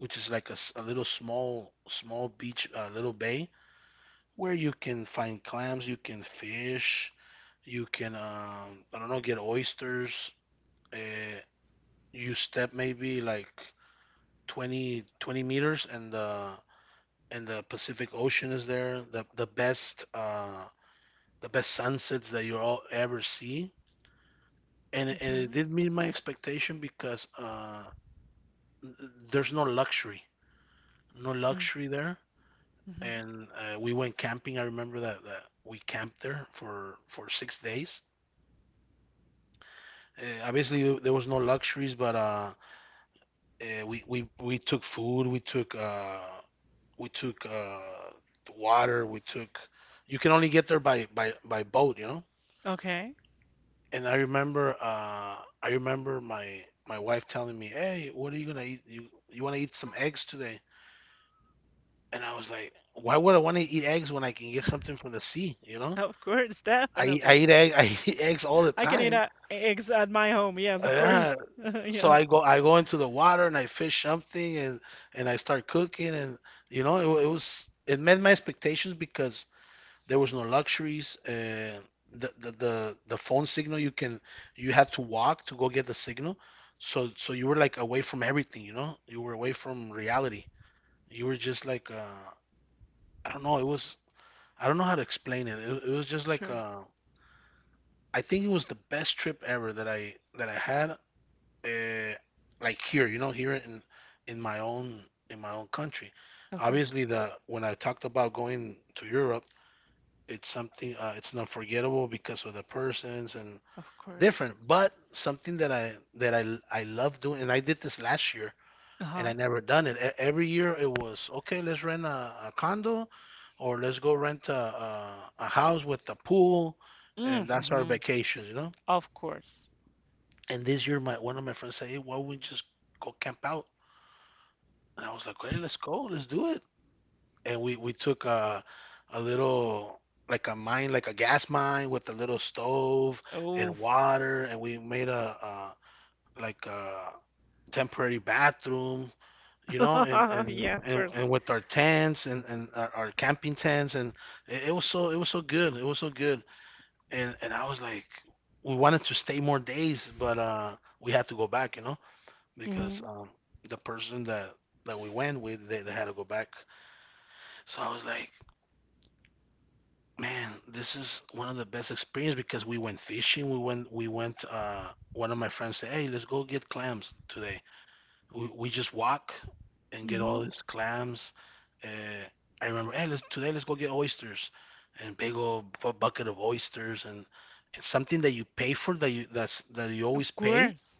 [SPEAKER 2] which is like a little small beach, a little bay where you can find clams, you can fish, you can I don't know get oysters. Uh, you step maybe like 20 meters and the Pacific Ocean is there. The best sunsets that you all ever see, and, and
[SPEAKER 1] mm-hmm,
[SPEAKER 2] it did meet my expectation because there's no luxury, no luxury there.
[SPEAKER 1] mm-hmm.
[SPEAKER 2] And we went camping. I remember that, that we camped there for 6 days. Obviously, there was no luxuries, but we took food, we took water, we took. You can only get there by boat, you know.
[SPEAKER 1] Okay,
[SPEAKER 2] And I remember my my wife telling me, "Hey, what are you gonna eat? You want to eat some eggs today?" And I was like, "Why would I want to eat eggs when I can get something from the sea? You know,
[SPEAKER 1] of course, [LAUGHS]
[SPEAKER 2] I
[SPEAKER 1] definitely.
[SPEAKER 2] eat egg [LAUGHS] I eat eggs all the
[SPEAKER 1] I can eat
[SPEAKER 2] time."
[SPEAKER 1] eggs at my home. Yes, of course.
[SPEAKER 2] Yeah,
[SPEAKER 1] [LAUGHS]
[SPEAKER 2] so
[SPEAKER 1] Yeah,
[SPEAKER 2] I go into the water and I fish something and I start cooking and you know it, it was it met my expectations because there was no luxuries. The phone signal you can you had to walk to go get the signal. So so you were like away from everything, you know? You were away from reality. You were just like I don't know. It was I don't know how to explain it. It was just like
[SPEAKER 1] sure,
[SPEAKER 2] I think it was the best trip ever that I had. Uh, like here, you know, here in my own in my own country.
[SPEAKER 1] of course,
[SPEAKER 2] Obviously, the when I talked about going to Europe, it's something. It's not forgettable because of the persons and
[SPEAKER 1] of
[SPEAKER 2] different,
[SPEAKER 1] course.
[SPEAKER 2] but something that I that I love doing. And I did this last year, and I
[SPEAKER 1] Uh-huh.
[SPEAKER 2] never done it. Every year it was okay. Let's rent a condo, or let's go rent a house with a pool, and that's our
[SPEAKER 1] Mm-hmm.
[SPEAKER 2] vacations, you know.
[SPEAKER 1] Of course.
[SPEAKER 2] And this year, my one of my friends said, "Hey, why don't we just go camp out?" And I was like, "Okay, let's go. Let's do it." And we took a little like a mine like a gas mine with a little stove and
[SPEAKER 1] Oh,
[SPEAKER 2] water and we made a like a temporary bathroom, you know, and
[SPEAKER 1] [LAUGHS] yeah, of course.
[SPEAKER 2] and with our tents and our camping tents, and it, it was so good it was so good and I was like we wanted to stay more days but we had to go back you know
[SPEAKER 1] hmm
[SPEAKER 2] because the person that that we went with they had to go back so I was like, man, this is one of the best experience because we went fishing. We went. One of my friends said, "Hey, let's go get clams today." We just walk and get all
[SPEAKER 1] hmm
[SPEAKER 2] these clams. Uh, I remember, hey, let's, today let's go get oysters, and big old bucket of oysters, and something that you pay for that you that's that you always
[SPEAKER 1] Of
[SPEAKER 2] pay.
[SPEAKER 1] course.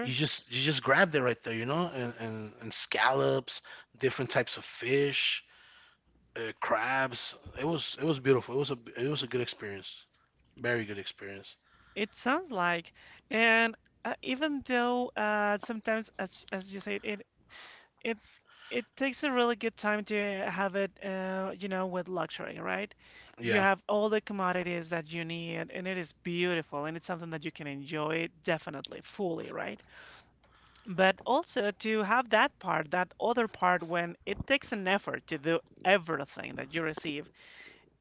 [SPEAKER 2] You just grabbed it right there, you know, and scallops, different types of fish crabs. It was beautiful. It was a good experience, very good experience.
[SPEAKER 1] It sounds like, and even though sometimes, as you said, it it takes a really good time to have it, you know, with luxury, right? You
[SPEAKER 2] Yeah,
[SPEAKER 1] have all the commodities that you need, and it is beautiful, and it's something that you can enjoy definitely, fully, right? But also to have that part, that other part, when it takes an effort to do everything that you receive.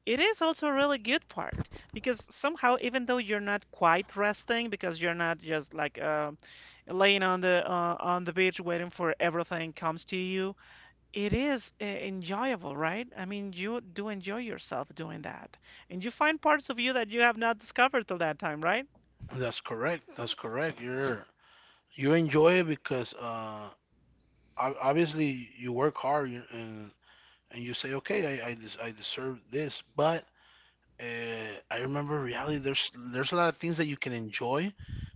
[SPEAKER 1] It is also a really good part because somehow, even though you're not quite resting, because you're not just like laying on the beach waiting for everything comes to you, it is enjoyable, right? I mean, you do enjoy yourself doing that, and you find parts of you that you have not discovered till that time, right?
[SPEAKER 2] that's correct. That's correct. You're you enjoy it because obviously you work hard and you say, okay, I deserve this. But I remember reality. There's a lot of things that you can enjoy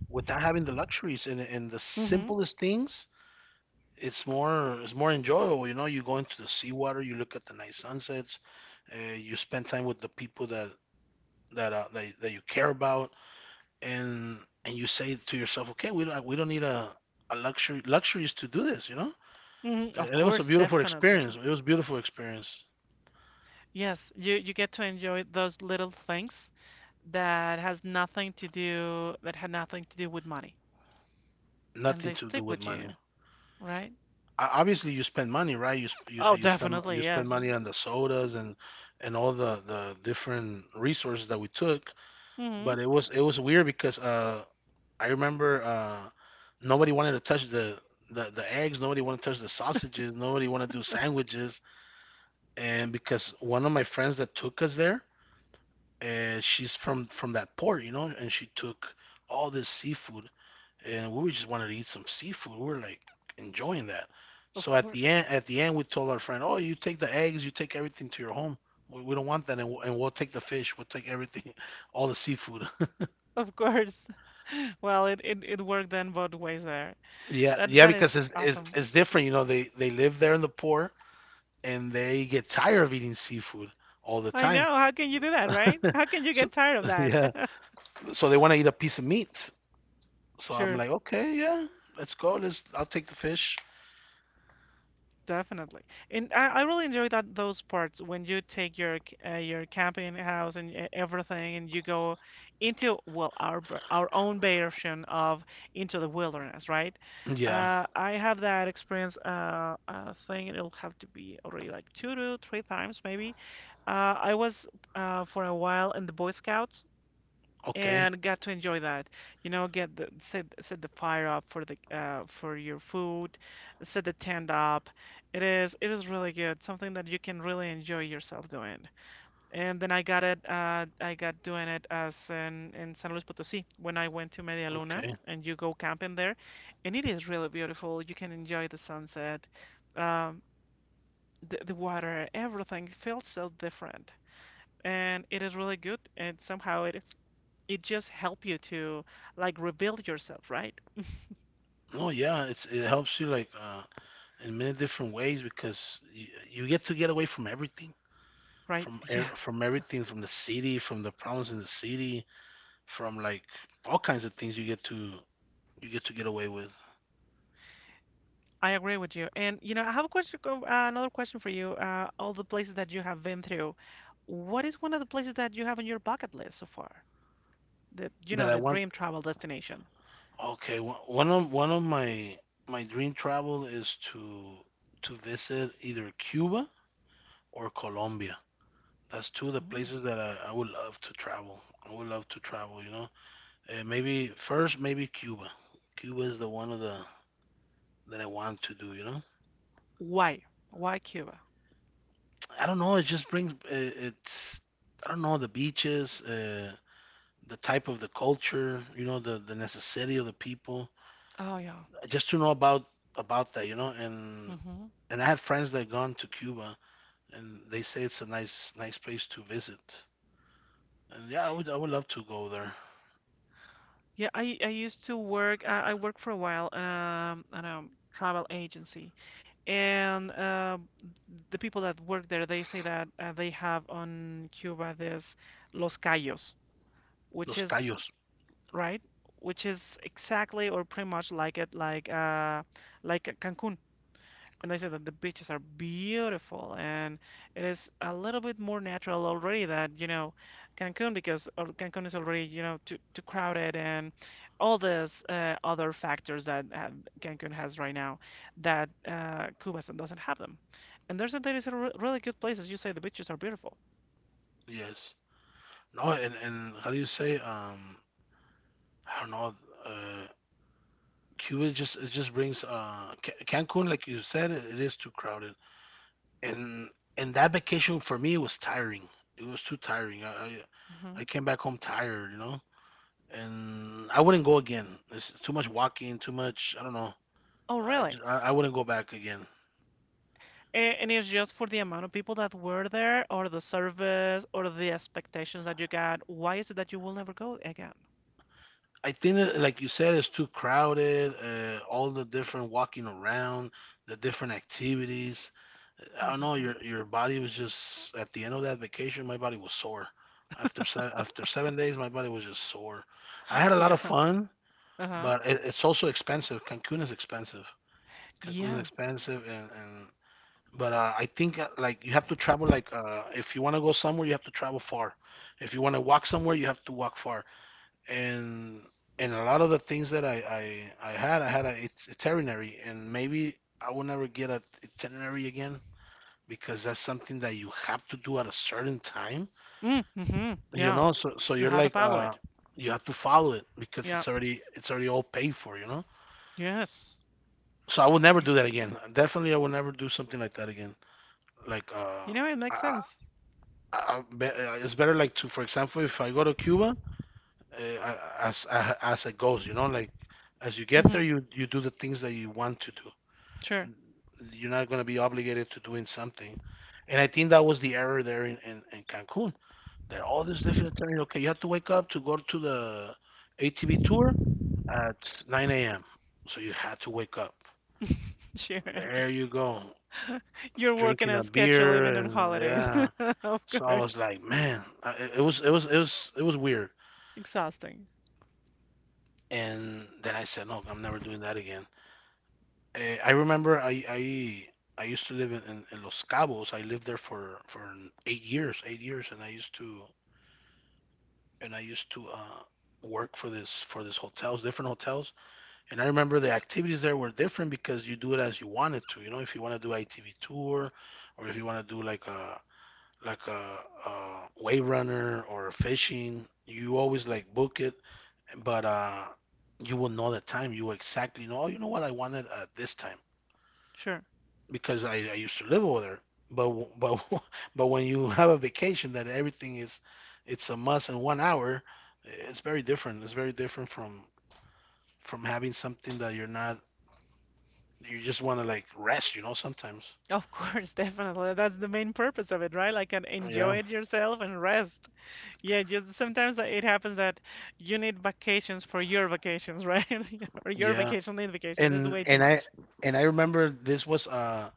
[SPEAKER 2] without having the luxuries, and the
[SPEAKER 1] hmm
[SPEAKER 2] simplest things it's more enjoyable. You know, you go into the seawater, you look at the nice sunsets, you spend time with the people that that that, that you care about, and and you say to yourself, okay, we don't need a luxury luxuries to do this. You know,
[SPEAKER 1] Of
[SPEAKER 2] and it was a
[SPEAKER 1] course,
[SPEAKER 2] beautiful experience.
[SPEAKER 1] definitely.
[SPEAKER 2] It was a beautiful experience.
[SPEAKER 1] Yes, you get to enjoy those little things that has nothing to do that had nothing to do with money, and
[SPEAKER 2] Nothing
[SPEAKER 1] they
[SPEAKER 2] to do
[SPEAKER 1] stick
[SPEAKER 2] with
[SPEAKER 1] with
[SPEAKER 2] money.
[SPEAKER 1] you. Right?
[SPEAKER 2] O- Obviously, you spend money, right? You,
[SPEAKER 1] Oh,
[SPEAKER 2] you
[SPEAKER 1] definitely,
[SPEAKER 2] spend
[SPEAKER 1] yes.
[SPEAKER 2] money on the sodas and all the different resources that we took. But
[SPEAKER 1] hmm
[SPEAKER 2] it was weird because I remember nobody wanted to touch the eggs. Nobody wanted to touch the sausages. Nobody wanted to do sandwiches. And because one of my friends that took us there, and she's from that port, you know, and she took all this seafood, and we just wanted to eat some seafood. We were like enjoying that.
[SPEAKER 1] Of
[SPEAKER 2] So
[SPEAKER 1] course.
[SPEAKER 2] at the end, we told our friend, "Oh, you take the eggs, you take everything to your home. We don't want that, and we'll take the fish, we'll take everything, [LAUGHS] all the seafood."
[SPEAKER 1] Of course. [LAUGHS] Well, it worked then both ways there.
[SPEAKER 2] Yeah,
[SPEAKER 1] That
[SPEAKER 2] yeah,
[SPEAKER 1] that is
[SPEAKER 2] because
[SPEAKER 1] awesome.
[SPEAKER 2] it's different. You know, they live there in the poor, and they get tired of eating seafood all the
[SPEAKER 1] I
[SPEAKER 2] time.
[SPEAKER 1] know. How can you do that, right? How can
[SPEAKER 2] [LAUGHS]
[SPEAKER 1] you
[SPEAKER 2] So
[SPEAKER 1] get tired of
[SPEAKER 2] [LAUGHS] yeah,
[SPEAKER 1] that? [LAUGHS]
[SPEAKER 2] so they want to eat a piece of meat. So I'm
[SPEAKER 1] Sure.
[SPEAKER 2] like, okay, yeah, let's go. Let's I'll take the fish.
[SPEAKER 1] Definitely, and I really enjoy that those parts when you take your your camping house and everything, and you go into well our our own version of into the wilderness, right?
[SPEAKER 2] Yeah,
[SPEAKER 1] I have that experience. Thing it'll have to be already like 2 to 3 times maybe. I was for a while in the Boy Scouts,
[SPEAKER 2] okay,
[SPEAKER 1] and got to enjoy that. You know, get the set the fire up for the for your food, set the tent up. It is really good, something that you can really enjoy yourself doing. And then I got it I got doing it as in San Luis Potosí when I went to Media Luna
[SPEAKER 2] okay.
[SPEAKER 1] and you go camping there, and it is really beautiful. You can enjoy the sunset, um, the water, everything feels so different. And it is really good, and somehow it is it just help you to like rebuild yourself, right?
[SPEAKER 2] No, yeah, it helps you like in many different ways because you get to get away from everything,
[SPEAKER 1] Right? Yeah,
[SPEAKER 2] from everything, from the city, from the problems in the city, from like all kinds of things you get to get away with.
[SPEAKER 1] I agree with you. And you know, I have a question, another question for you. All the places that you have been through, what is one of the places that you have on your bucket list so far? The,
[SPEAKER 2] That I
[SPEAKER 1] the
[SPEAKER 2] want.
[SPEAKER 1] dream travel destination.
[SPEAKER 2] Okay, one of my dream travel is to visit either Cuba or Colombia. That's two of the
[SPEAKER 1] Mm.
[SPEAKER 2] places that I would love to travel. I would love to travel. Maybe first, maybe Cuba. Cuba is the one of the that I want to do.
[SPEAKER 1] Why? Why Cuba?
[SPEAKER 2] I don't know. It just brings it's I don't know the beaches, the type of the culture, the necessity of the people.
[SPEAKER 1] Oh yeah.
[SPEAKER 2] Just to know about that. And
[SPEAKER 1] Hmm.
[SPEAKER 2] and I had friends that gone to Cuba, and they say it's a nice place to visit. And yeah, I would love to go there.
[SPEAKER 1] Yeah, I used to work. I worked for a while at a travel agency, and the people that work there they say that they have on Cuba this Los Cayos, which
[SPEAKER 2] Los
[SPEAKER 1] is
[SPEAKER 2] Cayos,
[SPEAKER 1] right, which is exactly or pretty much like it, like Cancun. And I said that the beaches are beautiful, and it is a little bit more natural already that, you know, Cancun, because Cancun is already, you know, too crowded and all these other factors that Cancun has right now that Cuba doesn't have them. And there is a re really good place, as you say, the beaches are beautiful.
[SPEAKER 2] yes. No, and how do you say? I don't know. Uh, Cuba just brings Cancun, like you said, it is too crowded, and and that vacation for me was tiring. It was too tiring. I
[SPEAKER 1] Hmm.
[SPEAKER 2] came back home tired. And I wouldn't go again. It's too much walking, too much. I don't know.
[SPEAKER 1] Oh,
[SPEAKER 2] I
[SPEAKER 1] really?
[SPEAKER 2] just I, I wouldn't go back again.
[SPEAKER 1] A- And it's just for the amount of people that were there, or the service, or the expectations that you got. Why is it that you will never go again?
[SPEAKER 2] I think that, like you said, it's too crowded. All the different walking around, the different activities. I don't know. Your
[SPEAKER 1] [LAUGHS]
[SPEAKER 2] your body was just at the end of that vacation. My body was sore. After 7 days, my body was just sore. I had a lot
[SPEAKER 1] Yeah.
[SPEAKER 2] of fun,
[SPEAKER 1] Uh-huh.
[SPEAKER 2] but it's also expensive. Cancun is expensive. Cancun is
[SPEAKER 1] Yeah.
[SPEAKER 2] expensive, and But I think like you have to travel like if you want to go somewhere, you have to travel far. If you want to walk somewhere, you have to walk far. And and a lot of the things that I had a itinerary, and maybe I will never get a itinerary again because that's something that you have to do at a certain time.
[SPEAKER 1] Mm, hmm
[SPEAKER 2] You
[SPEAKER 1] Yeah.
[SPEAKER 2] know, so
[SPEAKER 1] You
[SPEAKER 2] you're
[SPEAKER 1] have to
[SPEAKER 2] like
[SPEAKER 1] follow it.
[SPEAKER 2] you have to follow it because
[SPEAKER 1] Yeah.
[SPEAKER 2] it's already all paid for, you know?
[SPEAKER 1] Yes.
[SPEAKER 2] So I will never
[SPEAKER 1] You,
[SPEAKER 2] do that again. Definitely I will never do something like that again. Like uh
[SPEAKER 1] you know, it makes
[SPEAKER 2] I,
[SPEAKER 1] sense.
[SPEAKER 2] it's better like to, for example, if I go to Cuba, as it goes, you know, like as you get there,
[SPEAKER 1] Mm-hmm.
[SPEAKER 2] you do the things that you want to do.
[SPEAKER 1] Sure.
[SPEAKER 2] You're not going to be obligated to doing something. And I think that was the error there in Cancun. That all this different time, okay, you have to wake up to go to the ATV tour at 9 a.m. So you had to wake up.
[SPEAKER 1] [LAUGHS] Sure.
[SPEAKER 2] There you go,
[SPEAKER 1] [LAUGHS] You're working
[SPEAKER 2] drinking
[SPEAKER 1] a
[SPEAKER 2] a
[SPEAKER 1] schedule
[SPEAKER 2] beer
[SPEAKER 1] even on
[SPEAKER 2] and
[SPEAKER 1] holidays.
[SPEAKER 2] yeah.
[SPEAKER 1] [LAUGHS] Of
[SPEAKER 2] So I was
[SPEAKER 1] course.
[SPEAKER 2] like, man, it was it was it was it was weird.
[SPEAKER 1] Exhausting.
[SPEAKER 2] And then I said, no, I'm never doing that again. I remember I used to live in Los Cabos. I lived there for 8 years, 8 years, and I used to work for this hotels, different hotels. And I remember the activities there were different because you do it as you wanted to. You know, if you want to do ITV tour, or if you want to do like a, a wave runner or fishing, you always like book it but you will know the time. You will exactly know. Oh, you know what I wanted at this time
[SPEAKER 1] Sure.
[SPEAKER 2] because I used to live over there. But but [LAUGHS] but when you have a vacation that everything is, it's a must in 1 hour. It's very different. It's very different from having something that you're not. You just want to like rest. You know sometimes.
[SPEAKER 1] Of course, [LAUGHS] definitely. That's the main purpose of it, right? Like, and
[SPEAKER 2] Yeah,
[SPEAKER 1] enjoy it yourself and rest. Yeah, just sometimes it happens that you need vacations for your vacations, right? [LAUGHS] Or your
[SPEAKER 2] yeah.
[SPEAKER 1] vacation need vacations. This is
[SPEAKER 2] And
[SPEAKER 1] way too
[SPEAKER 2] and I
[SPEAKER 1] much.
[SPEAKER 2] and I remember this was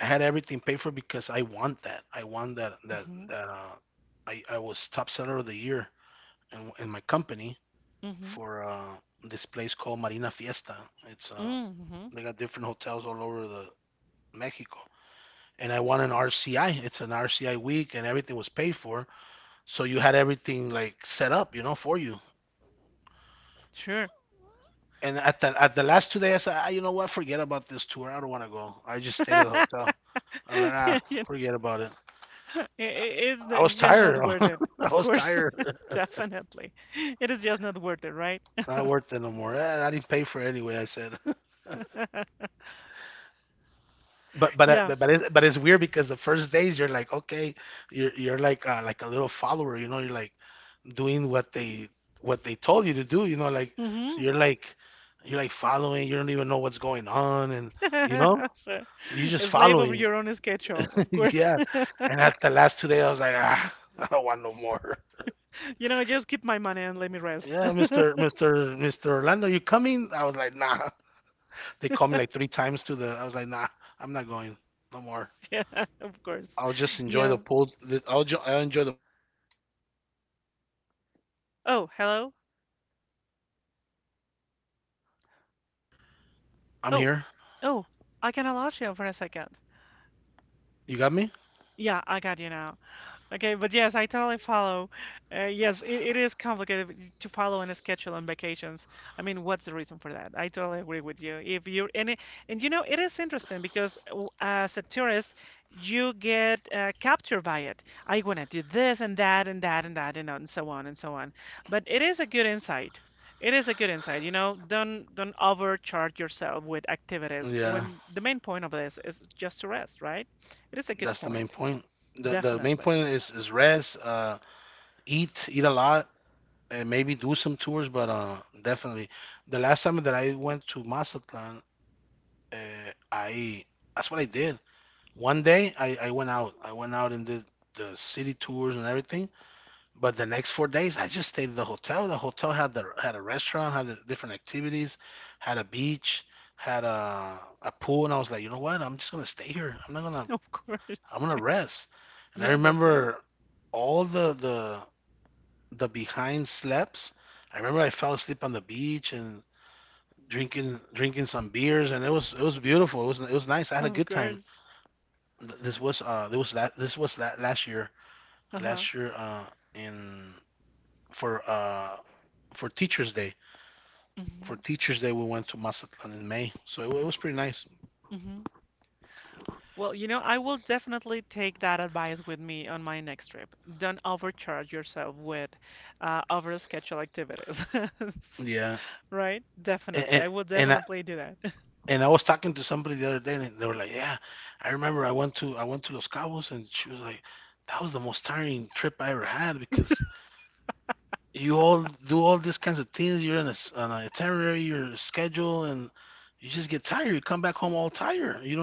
[SPEAKER 2] I had everything paid for because I want that I want that that
[SPEAKER 1] Mm-hmm.
[SPEAKER 2] that uh I I was top seller of the year in my company
[SPEAKER 1] Mm-hmm.
[SPEAKER 2] for this place called Marina Fiesta. It's
[SPEAKER 1] Mm-hmm.
[SPEAKER 2] they got different hotels all over the Mexico, and I won an RCI. It's an RCI week, and everything was paid for, so you had everything like set up, for you.
[SPEAKER 1] Sure.
[SPEAKER 2] And at the last 2 days, I said, ah, you know what, forget about this tour. I don't want to go. I just stayed at the
[SPEAKER 1] [LAUGHS]
[SPEAKER 2] hotel. I'm like, ah,
[SPEAKER 1] Yeah,
[SPEAKER 2] forget about it.
[SPEAKER 1] i- i- it's n-
[SPEAKER 2] I was
[SPEAKER 1] it's just not
[SPEAKER 2] tired. [LAUGHS]
[SPEAKER 1] worth it.
[SPEAKER 2] I
[SPEAKER 1] Of
[SPEAKER 2] was
[SPEAKER 1] course,
[SPEAKER 2] tired.
[SPEAKER 1] [LAUGHS] definitely, it is just not worth it, right?
[SPEAKER 2] [LAUGHS] Not worth it no more. I didn't pay for it anyway. I said. [LAUGHS]
[SPEAKER 1] [LAUGHS]
[SPEAKER 2] But but uh,
[SPEAKER 1] Yeah.
[SPEAKER 2] but but it's, but it's weird because the first days you're like okay you're like a little follower, you're like doing what they told you to do, like so
[SPEAKER 1] Hmm.
[SPEAKER 2] you're like you're like following. You don't even know what's going on, and you know,
[SPEAKER 1] [LAUGHS] Sure.
[SPEAKER 2] you're
[SPEAKER 1] A
[SPEAKER 2] just
[SPEAKER 1] slave of
[SPEAKER 2] following.
[SPEAKER 1] your own schedule,
[SPEAKER 2] [LAUGHS]
[SPEAKER 1] of course.
[SPEAKER 2] Yeah,
[SPEAKER 1] [LAUGHS]
[SPEAKER 2] and at the last 2 days I was like, ah, [LAUGHS] I don't want no more.
[SPEAKER 1] You know, just keep my money and let me
[SPEAKER 2] [LAUGHS]
[SPEAKER 1] rest.
[SPEAKER 2] Yeah.
[SPEAKER 1] [LAUGHS]
[SPEAKER 2] Mr. Orlando, you coming? I was like, nah. [LAUGHS] They called me like three times to the I was like, nah. I'm not going no more.
[SPEAKER 1] Yeah, of course.
[SPEAKER 2] I'll just enjoy the
[SPEAKER 1] Yeah.
[SPEAKER 2] pool, I'll enjoy
[SPEAKER 1] Oh, hello. Oh, oh, I kind of lost you for a second. Yeah, I got you now. Okay, but yes, I totally follow. Yes, it is complicated to follow and schedule on vacations. I mean, what's the reason for that? I totally agree with you. If you're and and you know, it is interesting because w- as a tourist, you get captured by it. I want to do this and that and that and that and so on and so on. But it is a good insight. It is a good insight. You know, don't overcharge yourself with activities when the main point of this is just to rest, right? It is a good point, definitely. Of course. [LAUGHS] Yes, that's it. Of course. Uh-huh. Hmm. Hmm. Well, you know, I will definitely take that advice with me on my next trip. Don't overcharge yourself with overscheduled activities. [LAUGHS] Right? Definitely. I will definitely do that.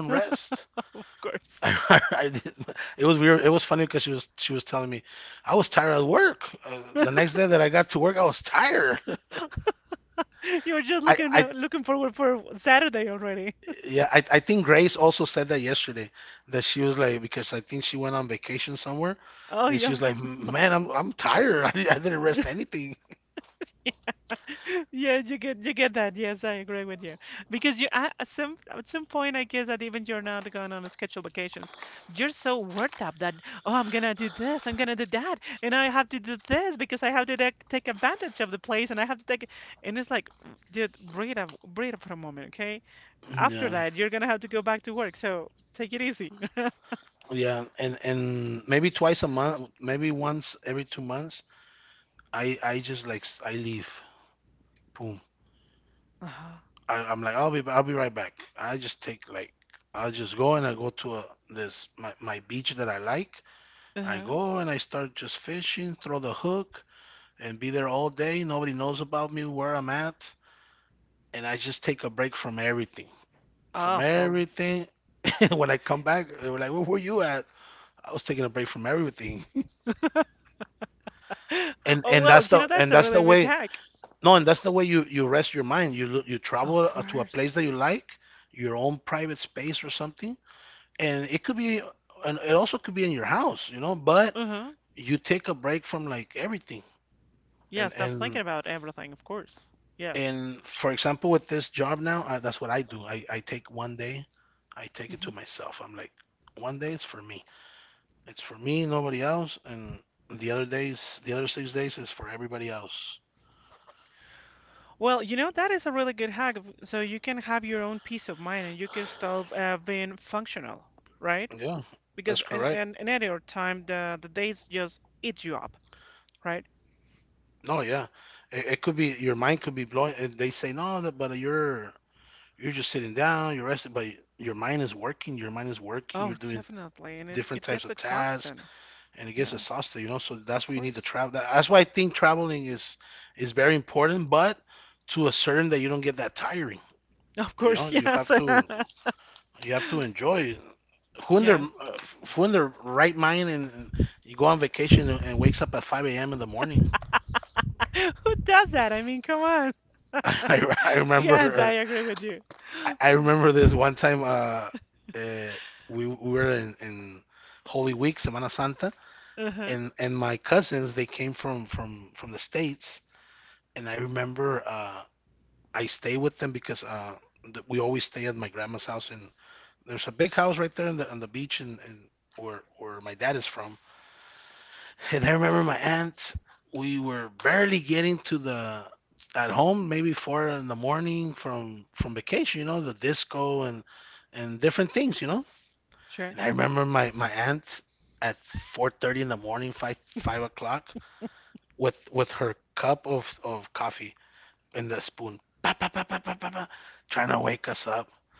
[SPEAKER 1] [LAUGHS] Of course. [LAUGHS] You're just looking looking forward for Saturday already. [LAUGHS] Oh yeah. [LAUGHS] [LAUGHS] Yeah, you get that. Yes, I agree with you. Because you at some at some point, I guess that even you're not going on scheduled vacations, you're so worked up that oh, I'm gonna do this, I'm gonna do that, and I have to do this because I have to take advantage of the place, and I have to take. And it's like, dude, breathe up for a moment, okay? After that, you're gonna have to go back to work, so take it easy. [LAUGHS] Uh-huh. Uh-huh. Oh well. [GASPS] [LAUGHS] Oh well, you know that's a really good hack. Of course. Uh huh. Yeah, stop thinking about everything, of course. Yes. Hmm. Well, you know, that is a really good hack. So you can have your own peace of mind and you can stop being functional, right? Because in any other time, the days just eat you up, right? Oh, definitely. And it gets exhausting. Yeah, of course. [LAUGHS] Of course, yes. [LAUGHS] Yes. [LAUGHS] Who does that? I mean, come on. [LAUGHS] Yes, I agree with you. [GASPS] S- Uh-huh, sure.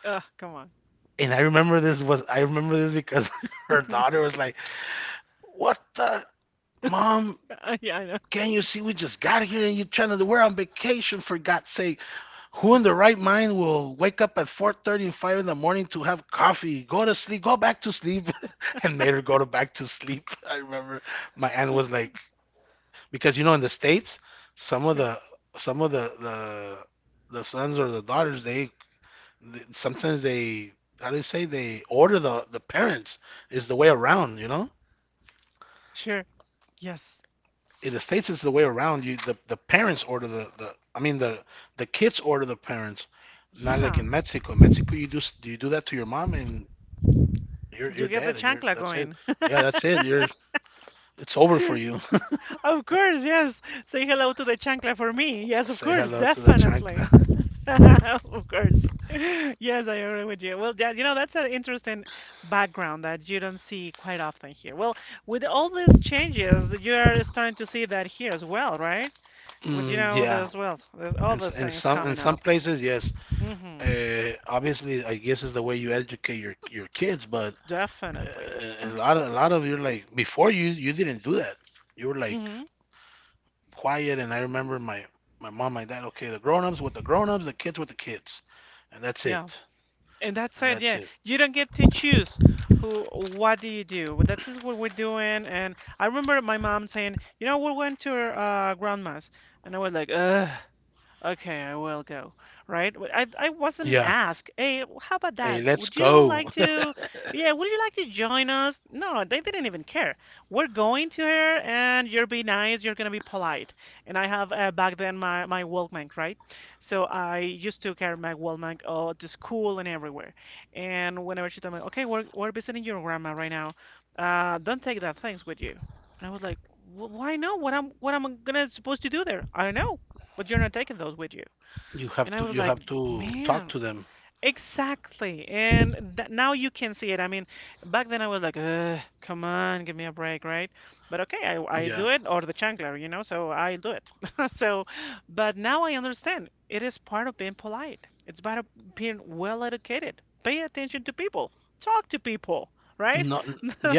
[SPEAKER 1] Ugh, come on. [LAUGHS] Yeah, I know. Sure, sure. Yes. Yeah. You get the chancla going. [LAUGHS] Of course, yes. Say hello to the chancla for me. Yes, of course, definitely. [LAUGHS] Of course. [LAUGHS] Yes, I agree with you. Well, yeah, you know, that's an interesting background that you don't see quite often here. Well, with all these changes, you're starting to see that here as well, right? With, you know, there's, well, there's all these things coming up. Mm-hmm. Definitely. Mm-hmm. Yeah. And that's it, yeah. You don't get to choose who, what do you do. But that's just what we're doing. And I remember my mom saying, you know, we're going to our, grandma's. And I was like, ugh. Okay, I will go. Right? W- I wasn't asked. Hey, how about that? Would you like to? Yeah, would you like to join us? No, they didn't even care. We're going to her, and you're be nice. You're gonna be polite. And I have back then my Walkman, right? So I used to carry my Walkman to school and everywhere. And whenever she told me, okay, we're visiting your grandma right now. Don't take that things with you. And I was like, "Wh- why no? What am I gonna supposed to do there? I don't know but you're not taking those with you. And I was like, man, exactly. And th now you can see it. I mean, back then I was like, ugh, come on, give me a break, right? But okay, I do it, or the chancler, you know, so I do it. [LAUGHS] So, but now I understand it is part of being polite, it's part of being well educated. Pay attention to people, talk to people, right? [LAUGHS]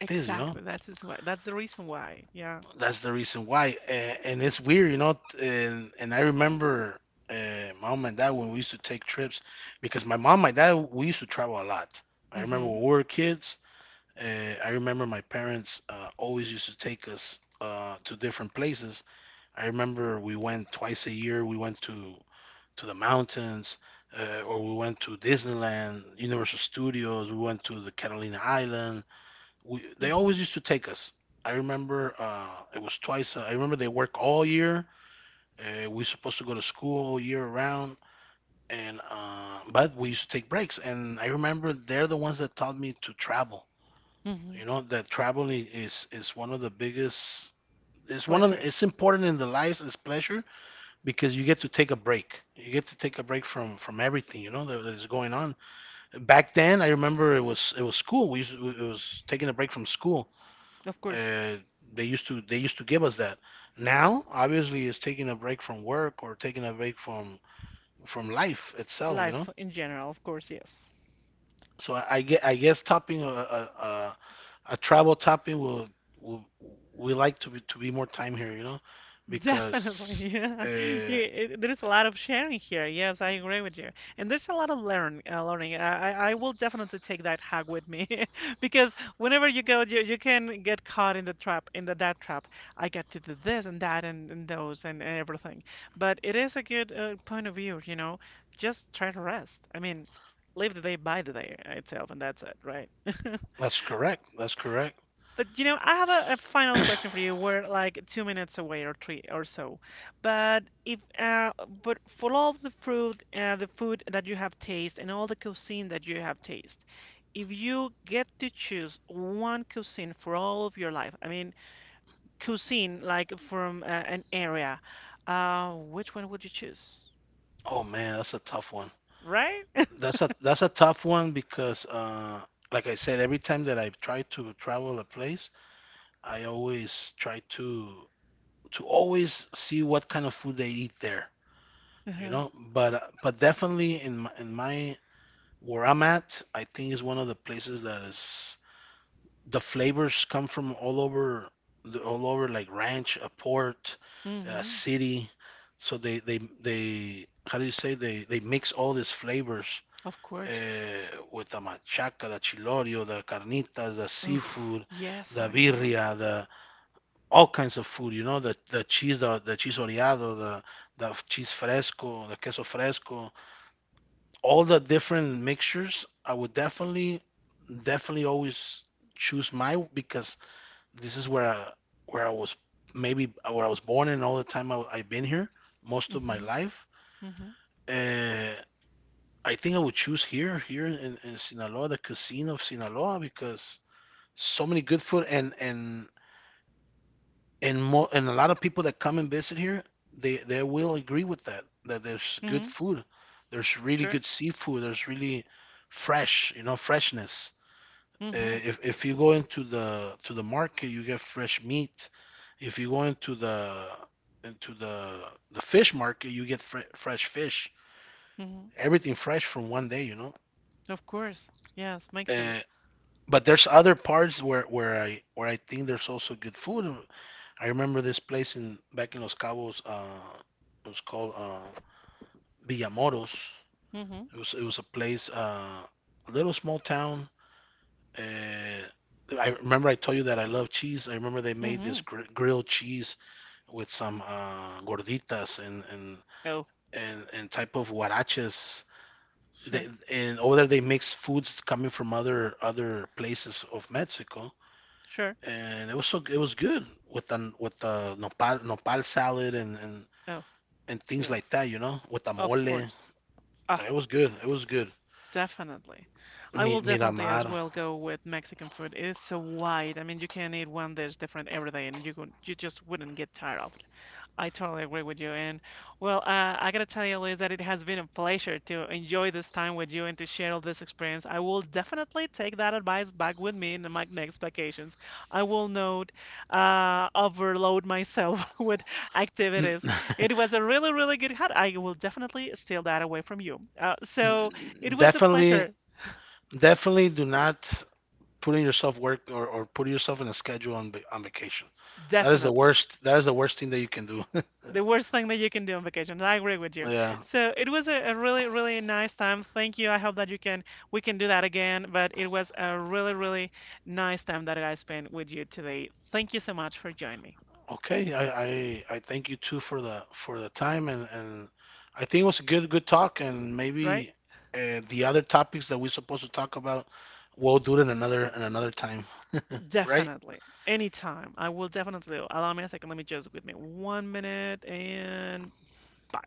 [SPEAKER 1] Exactly. That's is why. That's the reason why. Yeah. Mm-hmm. Mm-hmm. Mm-hmm. Pleasures. Of course. Life in general, of course, yes. Definitely, yeah. [LAUGHS] There is a lot of sharing here. Yes, I agree with you. And there's a lot of learning. I will definitely take that hack with me [LAUGHS] because whenever you go, you can get caught in the trap, in the that trap. I got to do this and that and those and everything. But it is a good point of view, you know. Just try to rest. I mean, live the day by the day itself, and that's it, right? [LAUGHS] But you know, I have a final question for you. We're like two minutes away or three or so. But if but for all of the food that you have tasted, and all the cuisine that you have tasted, if you get to choose one cuisine for all of your life, I mean cuisine like from an area, which one would you choose? Right? Uh-huh. Mm-hmm. Of course. Oof, yes, I know. Mm-hmm. Mm-hmm. Mm-hmm. Sure. Mm-hmm. Mm-hmm. Of course. Yes, makes sense. Mm-hmm. Mm-hmm. Oh, sure. Sure. Oh, dear. Of course. Ah, definitely. I will definitely as well go with Mexican food. It is so wide. I mean, you can eat one dish different every day and you could, you just wouldn't get tired of I totally agree with you. And well, I gotta tell you, Liz, that it has been a pleasure to enjoy this time with you and to share all this experience. I will definitely take that advice back with me in my next vacations. I will not overload myself [LAUGHS] with activities. It was a really, really good hat. I will definitely steal that away from you. So it was a pleasure, definitely. The worst thing that you can do on vacations. I agree with you. So it was a really, really nice time. Thank you. I hope that you can we can do that again. But it was a really, really nice time that I spent with you today. Thank you so much for joining me. Right? Definitely. Anytime. I will definitely. Allow me a second. Let me just with me one minute and bye.